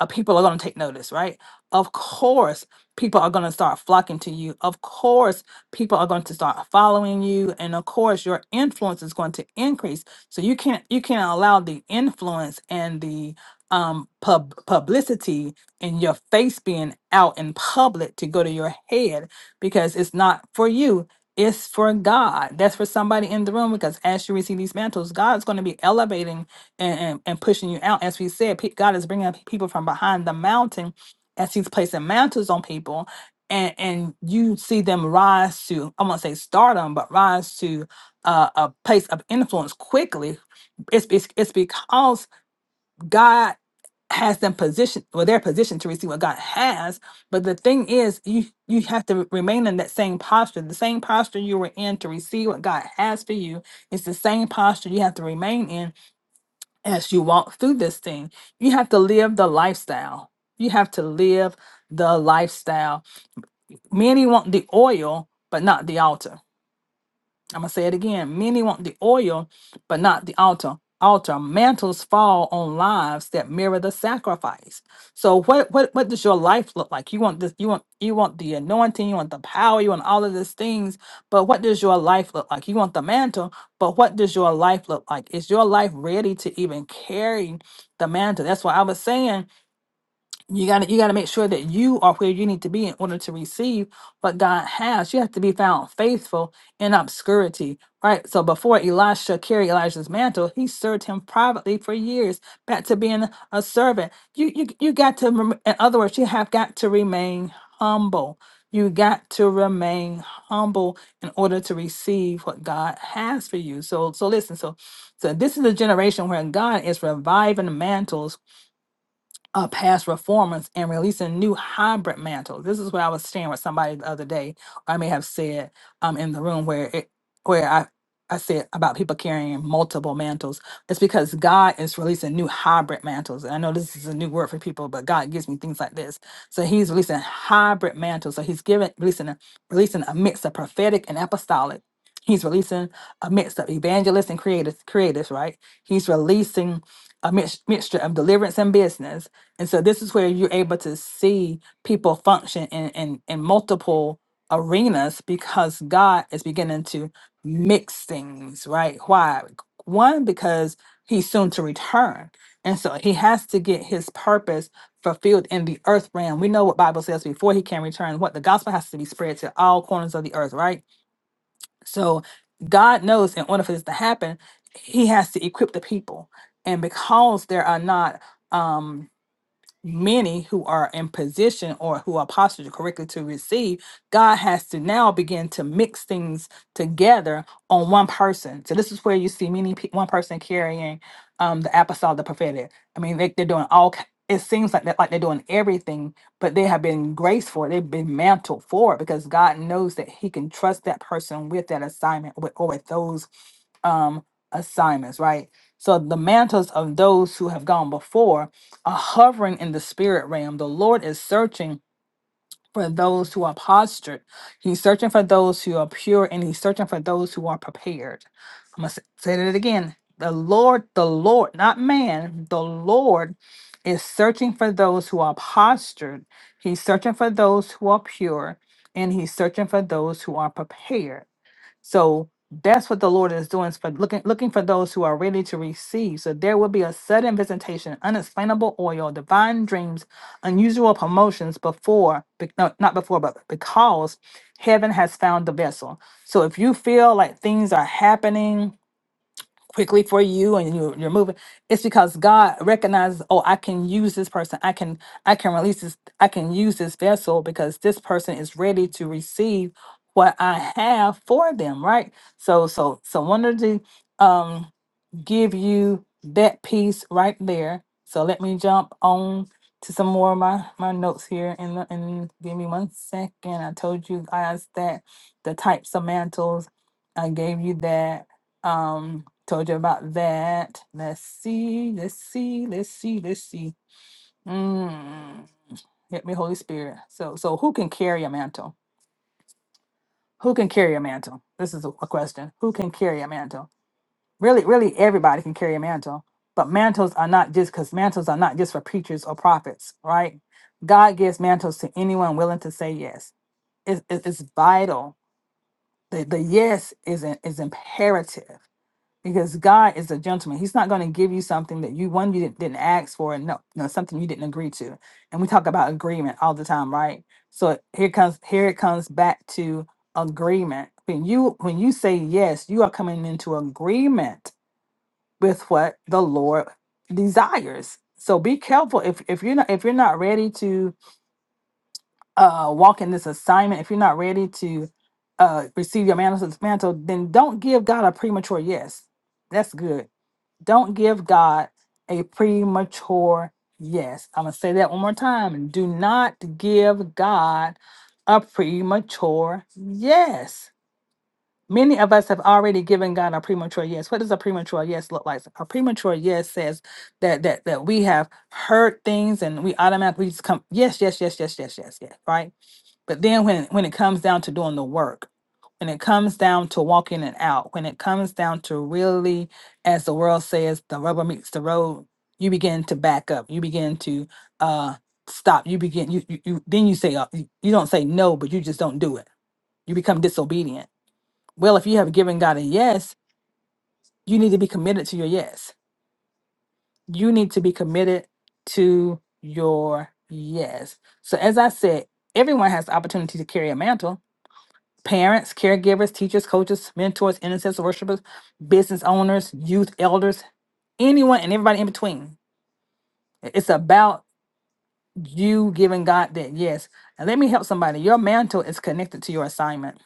B: uh, people are going to take notice, right? Of course, people are going to start flocking to you. Of course, people are going to start following you, and of course, your influence is going to increase. So you can't you can't allow the influence and the um pub publicity and your face being out in public to go to your head because it's not for you. It's for God. That's for somebody in the room because as you receive these mantles, God's going to be elevating and, and, and pushing you out. As we said, pe- God is bringing up people from behind the mountain as He's placing mantles on people, and and you see them rise to I won't say stardom, but rise to uh, a place of influence quickly. It's, it's it's because God has them positioned well their position to receive what God has. But the thing is you you have to remain in that same posture. The same posture you were in to receive what God has for you is the same posture you have to remain in as you walk through this thing. You have to live the lifestyle. You have to live the lifestyle. Many want the oil, but not the altar. I'm gonna say it again. Many want the oil, but not the altar. Altar mantles fall on lives that mirror the sacrifice. So what what what does your life look like? You want this, you want you want the anointing, you want the power, you want all of these things, but what does your life look like? You want the mantle, but what does your life look like? Is your life ready to even carry the mantle? That's why I was saying you got to you got to make sure that you are where you need to be in order to receive what God has. You have to be found faithful in obscurity, right? So before Elisha carried Elijah's mantle, he served him privately for years, back to being a servant. You you you got to rem- in other words, you have got to remain humble. You got to remain humble in order to receive what God has for you. So so listen, so so this is a generation where God is reviving mantles uh, past reformers and releasing new hybrid mantles. This is where I was sharing with somebody the other day. I may have said um in the room where it where I I said about people carrying multiple mantles. It's because God is releasing new hybrid mantles. And I know this is a new word for people, but God gives me things like this. So He's releasing hybrid mantles. So He's giving releasing a, releasing a mix of prophetic and apostolic. He's releasing a mix of evangelists and creators, creators, right? He's releasing a mix, mixture of deliverance and business and so this is where you're able to see people function in, in, in multiple arenas because God is beginning to mix things, right? Why? One, because he's soon to return. And so he has to get his purpose fulfilled in the earth realm. We know what Bible says before he can return, what the gospel has to be spread to all corners of the earth, right? So God knows in order for this to happen, he has to equip the people. And because there are not um many who are in position or who are postured correctly to receive, God has to now begin to mix things together on one person. So this is where you see many pe- one person carrying um, the apostolic, the prophetic. I mean, they, they're doing all. ki- It seems like they're, like they're doing everything, but they have been graced for it. They've been mantled for it because God knows that He can trust that person with that assignment with, or with those um, assignments, right? So the mantles of those who have gone before are hovering in the spirit realm. The Lord is searching for those who are postured. He's searching for those who are pure and he's searching for those who are prepared. I'm going to say that again. The Lord, the Lord, not man, the Lord is searching for those who are postured. He's searching for those who are pure and he's searching for those who are prepared. So that's what the Lord is doing is for looking looking for those who are ready to receive. So there will be a sudden visitation, unexplainable oil, divine dreams, unusual promotions before, be- no, not before, but because heaven has found the vessel. So if you feel like things are happening quickly for you and you, you're moving it's because god recognizes oh i can use this person i can i can release this i can use this vessel because this person is ready to receive what i have for them right so so so one of the um give you that piece right there. So let me jump on to some more of my, my notes here and, the, and give me one second. I told you guys that the types of mantles, I gave you that. Um, told you about that. Let's see, let's see, let's see, let's see. Mm, help me, Holy Spirit. So so who can carry a mantle? Who can carry a mantle? This is a a question. Who can carry a mantle? really really everybody can carry a mantle but mantles are not just because mantles are not just for preachers or prophets right god gives mantles to anyone willing to say yes it's, it's it's vital the, the yes is, in, is imperative because god is a gentleman he's not going to give you something that you one you didn't, didn't ask for and no, no something you didn't agree to and we talk about agreement all the time right so here comes here it comes back to agreement when you when you say yes you are coming into agreement with what the Lord desires. So be careful if if you're not if you're not ready to uh walk in this assignment, if you're not ready to uh receive your mantle, mantle then don't give God a premature yes. That's good. Don't give God a premature yes. I'm gonna say that one more time. Do not give God a premature yes Many of us have already given God a premature yes. What does a premature yes look like? A premature yes says that that that we have heard things and we automatically just come yes, yes, yes, yes, yes, yes, yes, right? But then when when it comes down to doing the work, when it comes down to walking it out, when it comes down to really, as the world says, the rubber meets the road, you begin to back up. You begin to uh stop. You begin you you, you then you say uh, you you don't say no, but you just don't do it. You become disobedient well, if you have given God a yes, you need to be committed to your yes. You need to be committed to your yes. So, as I said, everyone has the opportunity to carry a mantle parents, caregivers, teachers, coaches, mentors, intercessors, worshipers, business owners, youth elders, anyone and everybody in between. I- It's about you giving God that yes. And let me help somebody. Your mantle is connected to your assignment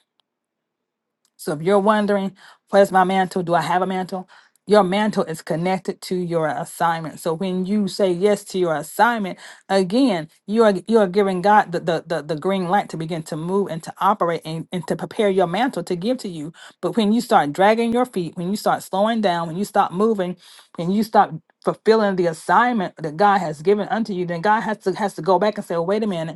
B: So if you're wondering, where's my mantle? Do I have a mantle? Your mantle is connected to your assignment. So when you say yes to your assignment, again, you are you are giving God the the, the, the green light to begin to move and to operate and, and to prepare your mantle to give to you. But when you start dragging your feet, when you start slowing down, when you stop moving, when you stop fulfilling the assignment that God has given unto you, then God has to has to go back and say, well, wait a minute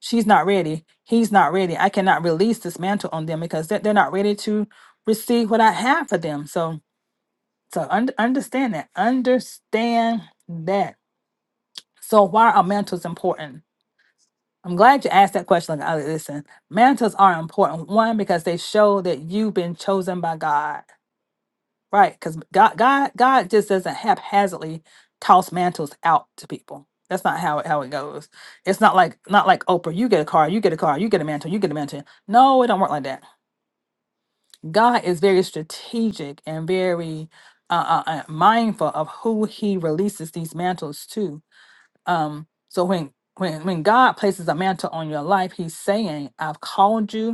B: she's not ready he's not ready i cannot release this mantle on them because they're, they're not ready to receive what i have for them so so un- understand that understand that so why are mantles important i'm glad you asked that question like listen mantles are important one because they show that you've been chosen by god Right, because God, God, God just doesn't haphazardly toss mantles out to people. That's not how it how it goes. It's not like not like Oprah. You get a car, you get a car, you get a mantle, you get a mantle. No, it don't work like that. God is very strategic and very uh, uh, uh, mindful of who He releases these mantles to. Um, so when when when God places a mantle on your life, He's saying, "I've called you.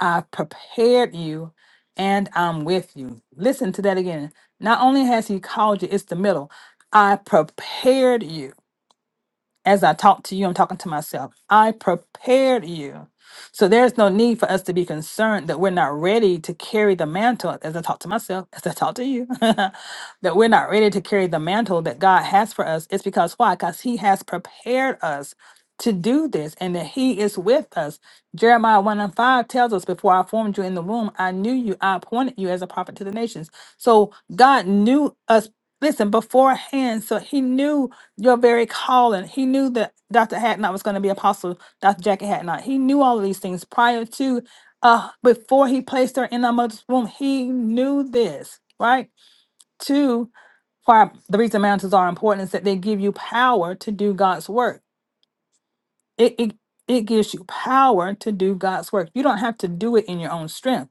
B: I've prepared you and I'm with you. Listen to that again. Not only has he called you, it's the middle. I prepared you as I talk to you, I'm talking to myself. I prepared you. So there's no need for us to be concerned that we're not ready to carry the mantle, as I talk to myself, as I talk to you, that we're not ready to carry the mantle that God has for us. It's because why? Because He has prepared us to do this and that He is with us. Jeremiah 1 and 5 tells us, Before I formed you in the womb, I knew you, I appointed you as a prophet to the nations. So God knew us, listen, beforehand. So He knew your very calling. He knew that Dr. Hatnot was going to be apostle, Dr. Jackie Hatnot. He knew all of these things prior to, uh, before he placed her in our mother's womb. He knew this, right? Two, why the reason mountains are important is that they give you power to do God's work. It, it it gives you power to do God's work. You don't have to do it in your own strength,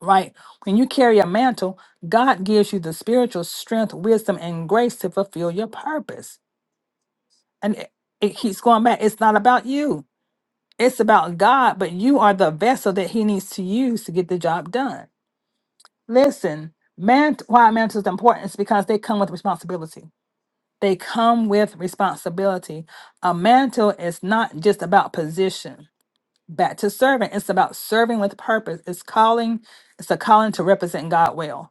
B: right? When you carry a mantle, God gives you the spiritual strength, wisdom, and grace to fulfill your purpose and it, it keeps going back it's not about you it's about god but you are the vessel that he needs to use to get the job done listen man why mantle is important is because they come with responsibility they come with responsibility a mantle is not just about position back to serving it's about serving with purpose it's calling it's a calling to represent god well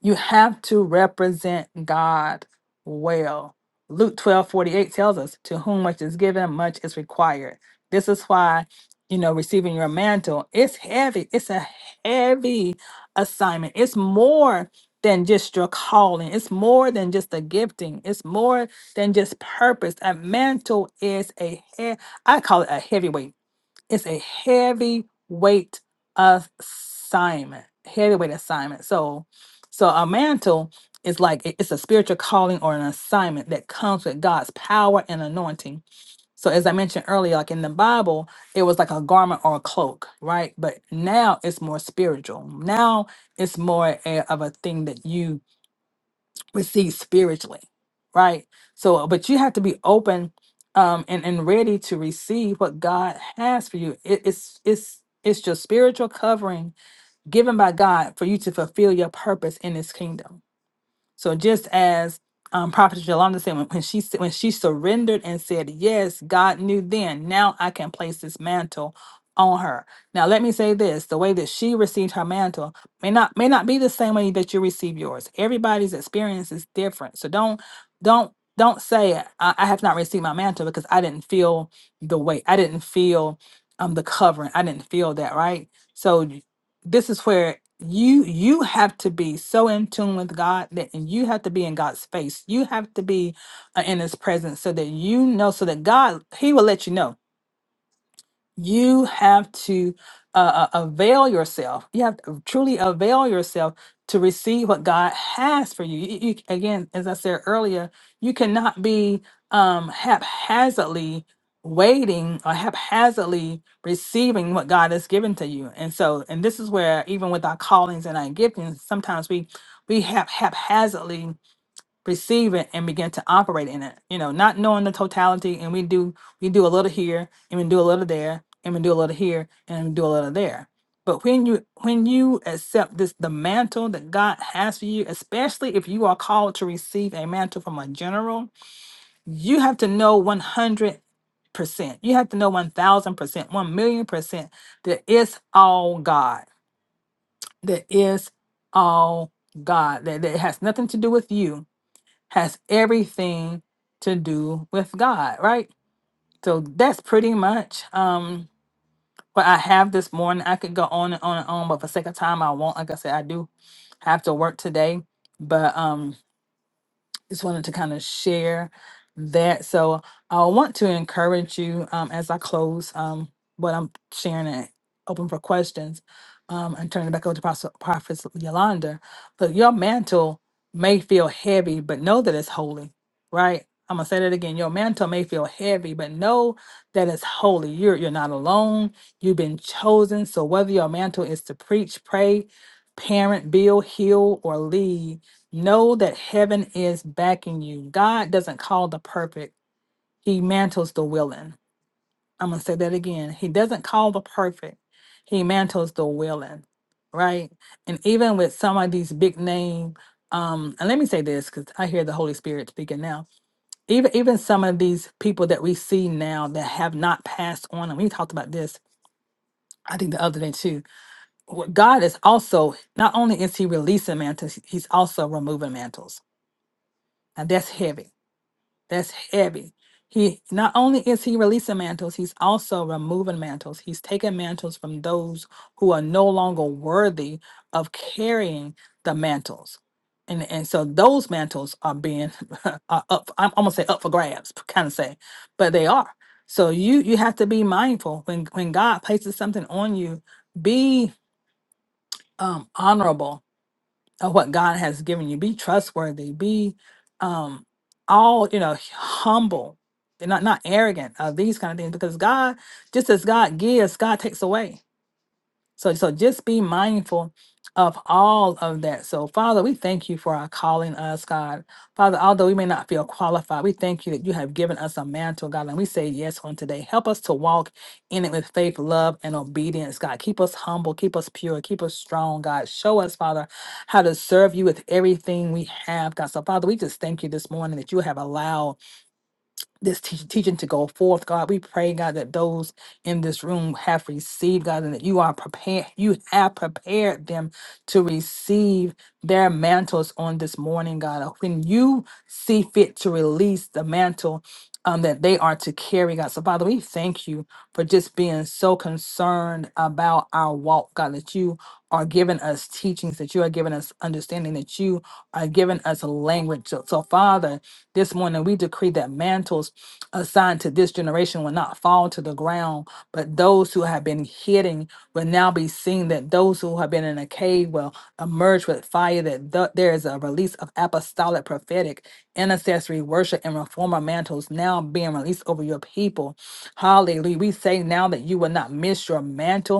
B: You have to represent God well. Luke twelve forty eight tells us, To whom much is given, much is required. This is why, you know, receiving your mantle, it's heavy. It's a heavy assignment. It's more than just your calling, it's more than just the gifting, it's more than just purpose. A mantle is a, he- I call it a heavyweight it's a heavy weight assignment heavyweight assignment so so a mantle is like it- it's a spiritual calling or an assignment that comes with god's power and anointing so as i mentioned earlier like in the bible it was like a garment or a cloak right but now it's more spiritual now it's more a, of a thing that you receive spiritually right so but you have to be open um and and ready to receive what god has for you it, it's it's it's your spiritual covering given by god for you to fulfill your purpose in his kingdom so just as um, Prophet Jolanda said, when, when she s- when she surrendered and said yes, God knew then. Now I can place this mantle on her. Now let me say this: the way that she received her mantle may not may not be the same way that you receive yours. Everybody's experience is different. So don't don't don't say I, I have not received my mantle because I didn't feel the weight. I didn't feel um the covering. I didn't feel that right. So this is where you you have to be so in tune with God that and you have to be in God's face. You have to be uh, in His presence so that you know, so that God He will let you know you have to uh, uh, avail yourself. You have to truly avail yourself to receive what God has for you. You, you- Again, as I said earlier, you cannot be um, haphazardly waiting or haphazardly receiving what God has given to you. And so, and this is where even with our callings and our giftings, sometimes we we have haphazardly receive it and begin to operate in it you know not knowing the totality and we do we do a little here and we do a little there and we do a little here and we do a little there but when you when you accept this the mantle that god has for you especially if you are called to receive a mantle from a general you have to know 100 percent you have to know 1000 percent 1 million percent that it's all god that is all god that, that it has nothing to do with you has everything to do with God, right? So that's pretty much um what I have this morning. I could go on and on and on, but for sake of time I won't. Like I said, I do have to work today. But um just wanted to kind of share that. So I want to encourage you um, as I close um, what I'm sharing and open for questions um, and turn it back over to Prophet, Prophet Yolanda. But your mantle may feel heavy, but know that it's holy, right? I'm gonna say that again. Your mantle may feel heavy, but know that it's holy. You're you're not alone. You've been chosen. So whether your mantle is to preach, pray, parent, build, heal, or lead, Know that heaven is backing you. God doesn't call the perfect, He mantles the willing. I'm going to say that again. He doesn't call the perfect, He mantles the willing, right? And even with some of these big name, um, and let me say this because I hear the Holy Spirit speaking now. Even even some of these people that we see now that have not passed on, and we talked about this, I think the other day too. What God is also not only is He releasing mantles, He's also removing mantles, and that's heavy That's heavy. He not only is he releasing mantles, he's also removing mantles. He's taking mantles from those who are no longer worthy of carrying the mantles. And, and so those mantles are being are up. I'm almost say up for grabs, kind of say, but they are. So you you have to be mindful when when God places something on you. Be um, honorable of what God has given you. Be trustworthy. Be um all you know humble. and Not not arrogant of these kind of things because God, just as God gives, God takes away. So, so just be mindful of all of that. So, Father, we thank you for our calling us, God. Father, although we may not feel qualified, we thank you that you have given us a mantle, God, and we say yes on today. Help us to walk in it with faith, love, and obedience, God. Keep us humble, keep us pure, keep us strong, God. Show us, Father, how to serve you with everything we have, God. So, Father, we just thank you this morning that you have allowed this teach teaching to go forth, God. We pray, God, that those in this room have received, God, and that you are prepared, you have prepared them to receive their mantles on this morning, God. When you see fit to release the mantle um, that they are to carry, God. So, Father, we thank you for just being so concerned about our walk, God, that you are giving us teachings, that you are giving us understanding, that you are giving us language. So, so Father, this morning we decree that mantles assigned to this generation will not fall to the ground, but those who have been hidden will now be seen. That those who have been in a cave will emerge with fire. That th- there is a release of apostolic, prophetic, intercessory worship, and reformer mantles now being released over your people. Hallelujah! We say now that you will not miss your mantle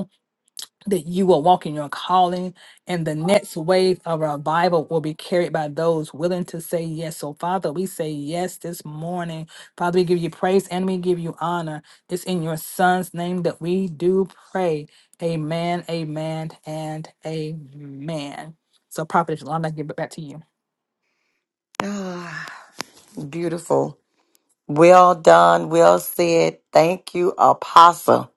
B: that you will walk in your calling and the next wave of revival will be carried by those willing to say yes. So, Father, we say yes this morning. Father, we give you praise and we give you honor. It's in your Son's name that we do pray. Amen, amen, and amen. So, Prophet Shalom, I give it back to you.
A: Ah, beautiful. Well done. Well said. Thank you, Apostle.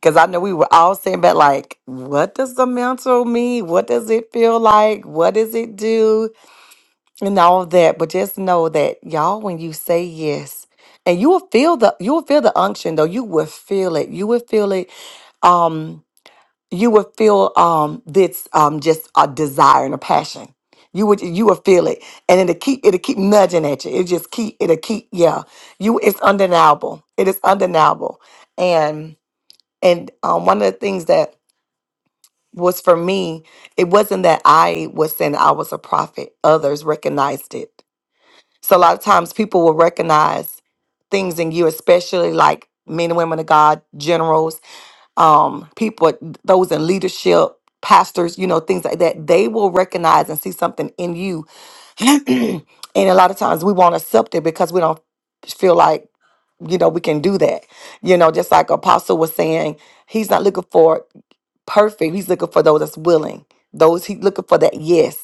A: Because I know we were all saying back, like, what does the mantle mean? What does it feel like? What does it do? and all that but just know that y'all when you say yes and you will feel the you will feel the unction though you will feel it you will feel it um you will feel um this um just a desire and a passion you would you will feel it and it'll keep it'll keep nudging at you it just keep it'll keep yeah you it's undeniable it is undeniable and and um one of the things that was for me it wasn't that i was saying i was a prophet others recognized it so a lot of times people will recognize things in you, especially like men and women of God, generals, um, people, those in leadership, pastors, you know, things like that. They will recognize and see something in you. and a lot of times we won't accept it because we don't feel like, you know, we can do that. You know, just like Apostle was saying, he's not looking for perfect. He's looking for those that's willing. Those he's looking for that yes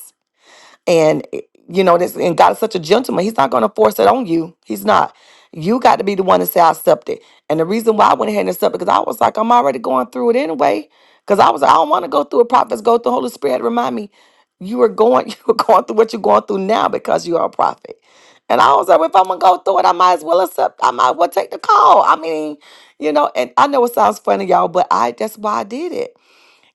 A: and eh, you know this and god is such a gentleman he's not going to force it on you he's not you got to be the one to say i accept it and the reason why i went ahead and accepted because i was like i'm already going through it anyway because i was like, i don't want to go through it prophets go through holy spirit remind me you are going you are going through what you're going through now because you are a prophet and i was like "Well, if i'm going to go through it i might as well accept i might as well take the call i mean you know and i know it sounds funny y'all but i that's why i did it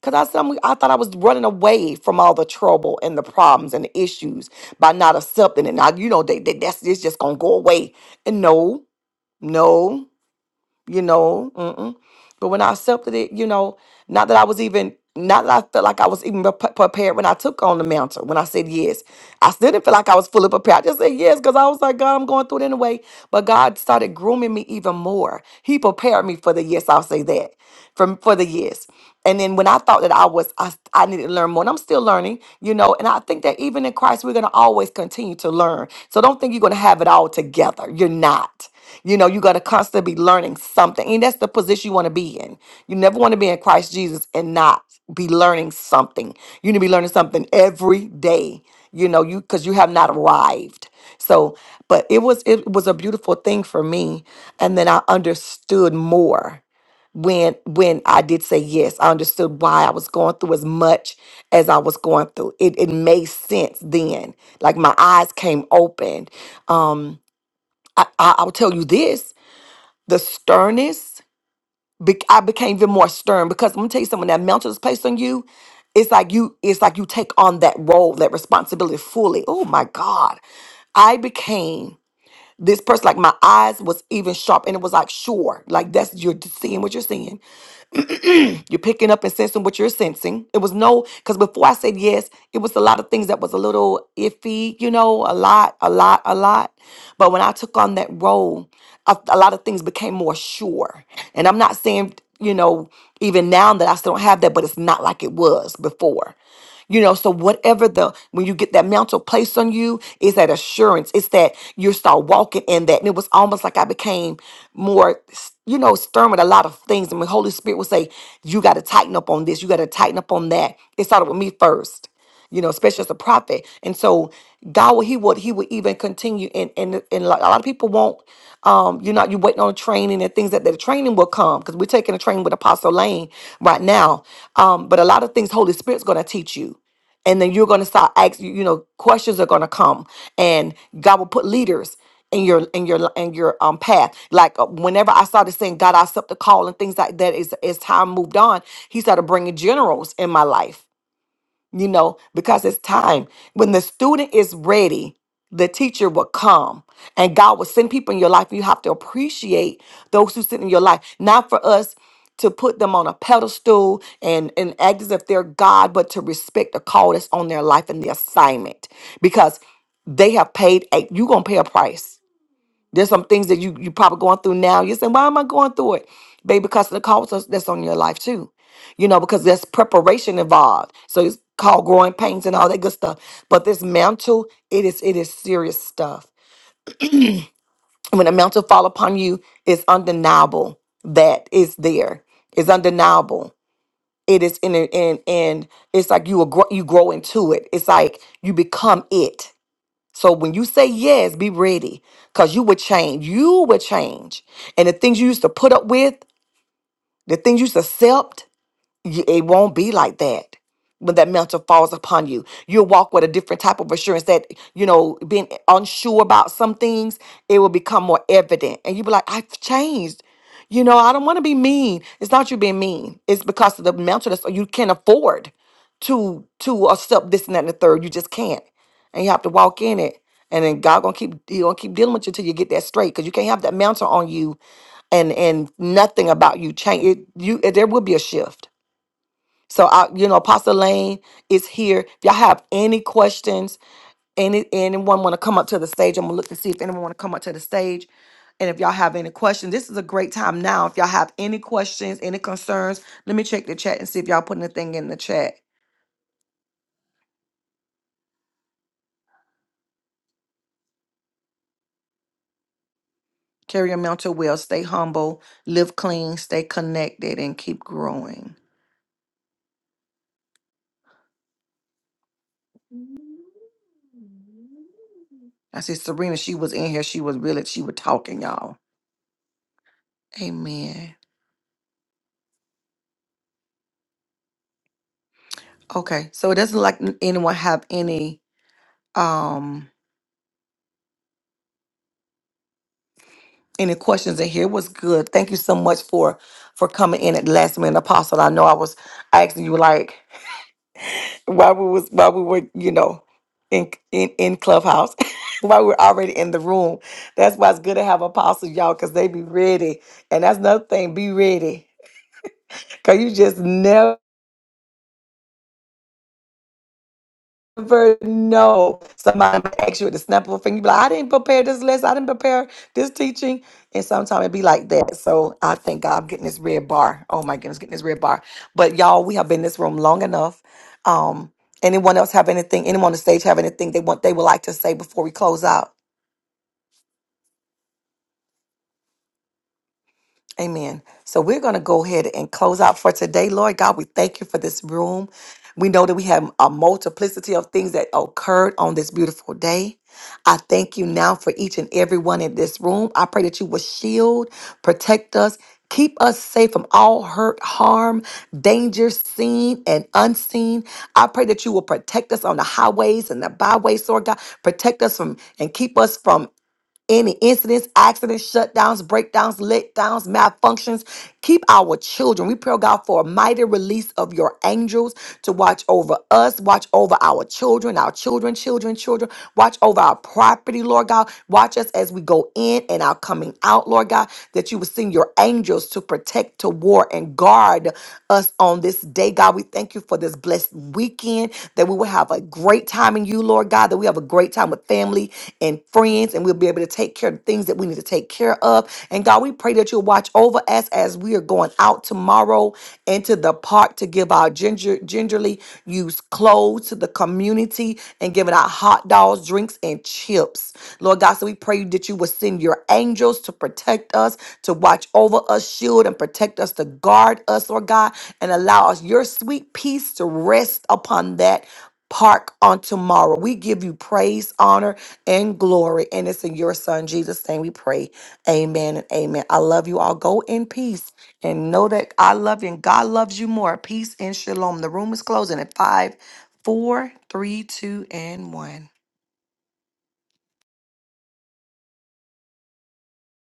A: Cause I said I'm, I thought I was running away from all the trouble and the problems and the issues by not accepting it. Now you know they, they that's it's just gonna go away. And no, no you know. Mm-mm. But when I accepted it, you know, not that I was even, not that I felt like I was even prep- prepared when I took on the mantle, when I said yes. I still didn't feel like I was fully prepared. I just said yes because I was like, God, I'm going through it anyway. But God started grooming me even more. He prepared me for the yes, I'll say that, from for the yes. And then when I thought that I was, I, I needed to learn more, and I'm still learning, you know. And I think that even in Christ, we're going to always continue to learn. So don't think you're going to have it all together. You're not. You know, you got to constantly be learning something. And that's the position you want to be in. You never want to be in Christ Jesus and not be learning something. You need to be learning something every day, you know, you because you have not arrived. So, but it was it was a beautiful thing for me. And then I understood more when when I did say yes. I understood why I was going through as much as I was going through. It it made sense then. Like my eyes came open. Um I, I, I'll tell you this the sternness, be- I became even more stern because I'm gonna tell you something. When that mantle is placed on you, it's like you, it's like you take on that role, that responsibility fully. Oh my God, I became this person. Like my eyes was even sharp, and it was like sure, like that's you're seeing what you're seeing. you're picking up and sensing what you're sensing. It was no, because before I said yes, it was a lot of things that was a little iffy, you know, a lot, a lot, a lot. But when I took on that role, a, a lot of things became more sure. And I'm not saying, you know, even now that I still don't have that, but it's not like it was before. You know, so whatever the when you get that mantle placed on you, is that assurance. It's that you start walking in that. And it was almost like I became more, you know, stern with a lot of things. And the Holy Spirit would say, You got to tighten up on this, you got to tighten up on that. It started with me first you know, especially as a prophet. And so God will he would he would even continue and and and like a lot of people won't um you're not you're waiting on training and things that the training will come because we're taking a training with Apostle Lane right now. Um but a lot of things Holy Spirit's gonna teach you and then you're going to start asking you know questions are going to come and god will put leaders in your in your in your um path like uh, whenever i started saying god i accept the call and things like that. as as time moved on he started bringing generals in my life you know, because it's time. When the student is ready, the teacher will come and God will send people in your life. You have to appreciate those who sit in your life, not for us to put them on a pedestal and, and act as if they're God, but to respect the call that's on their life and the assignment because they have paid a, you're going to pay a price there's some things that you you probably going through now. You're saying, why am I going through it? Baby, because of the cost that's that's on your life too. You know, because there's preparation involved. So it's called growing pains and all that good stuff. But this mantle, it is it is serious stuff. When a mantle fall upon you, it's undeniable that it's there. It's undeniable. It is in and and it's like you will grow, you grow into it. It's like you become it so when you say yes, be ready because you will change. You will change. And the things you used to put up with, the things you used to accept, you- it won't be like that when that mantle falls upon you you'll walk with a different type of assurance that you know being unsure about some things it will become more evident and you'll be like i've changed you know i don't want to be mean it's not you being mean it's because of the mantle that's you can't afford to to accept this and that and the third you just can't and you have to walk in it and then god gonna keep he gonna keep dealing with you until you get that straight because you can't have that mantle on you and and nothing about you change it you there will be a shift so I, you know, Apostle Lane is here. If y'all have any questions, any anyone want to come up to the stage, I'm gonna look to see if anyone want to come up to the stage. And if y'all have any questions, this is a great time now. If y'all have any questions, any concerns, let me check the chat and see if y'all put anything in the chat. Carry your mental well, stay humble, live clean, stay connected, and keep growing. I see Serena, she was in here. She was really, she was talking, y'all. Amen. Okay. So it doesn't like anyone have any um any questions in here. was good. Thank you so much for for coming in at the last minute, Apostle. I know I was asking you like while we was while we were you know in in, in Clubhouse while we are already in the room. That's why it's good to have Apostle y'all because they be ready. And that's another thing, be ready because you just never. never know. Somebody might ask you at the snap of a finger, you be like, I didn't prepare this lesson, I didn't prepare this teaching. And sometimes it be like that. So I thank God I'm getting this red bar. Oh my goodness, getting this red bar. But y'all, we have been in this room long enough. Um, anyone else have anything, anyone on the stage have anything they want they would like to say before we close out? Amen. So we're going to go ahead and close out for today. Lord God, we thank you for this room. We know that we have a multiplicity of things that occurred on this beautiful day. I thank you now for each and every one in this room. I pray that you will shield, protect us, keep us safe from all hurt, harm, danger, seen and unseen. I pray that you will protect us on the highways and the byways, Lord God. Protect us from and keep us from any incidents, accidents, shutdowns, breakdowns, letdowns, malfunctions. Keep our children. We pray, oh God, for a mighty release of your angels to watch over us, watch over our children, our children, children, children. Watch over our property, Lord God. Watch us as we go in and our coming out, Lord God, that you would send your angels to protect, to war, and guard us on this day, God. We thank you for this blessed weekend, that we will have a great time in you, Lord God, that we have a great time with family, and friends, and we'll be able to take care of the things that we need to take care of. And God, we pray that you'll watch over us as we are going out tomorrow into the park to give our ginger, gingerly used clothes to the community and giving out hot dogs, drinks, and chips. Lord God, so we pray that you will send your angels to protect us, to watch over us, shield and protect us, to guard us, Lord God, and allow us your sweet peace to rest upon that park on tomorrow. We give you praise, honor, and glory. And it's in your son, Jesus' name, we pray. Amen and amen. I love you all. Go in peace and know that I love you and God loves you more. Peace and shalom. The room is closing at five, four, three, two, and one.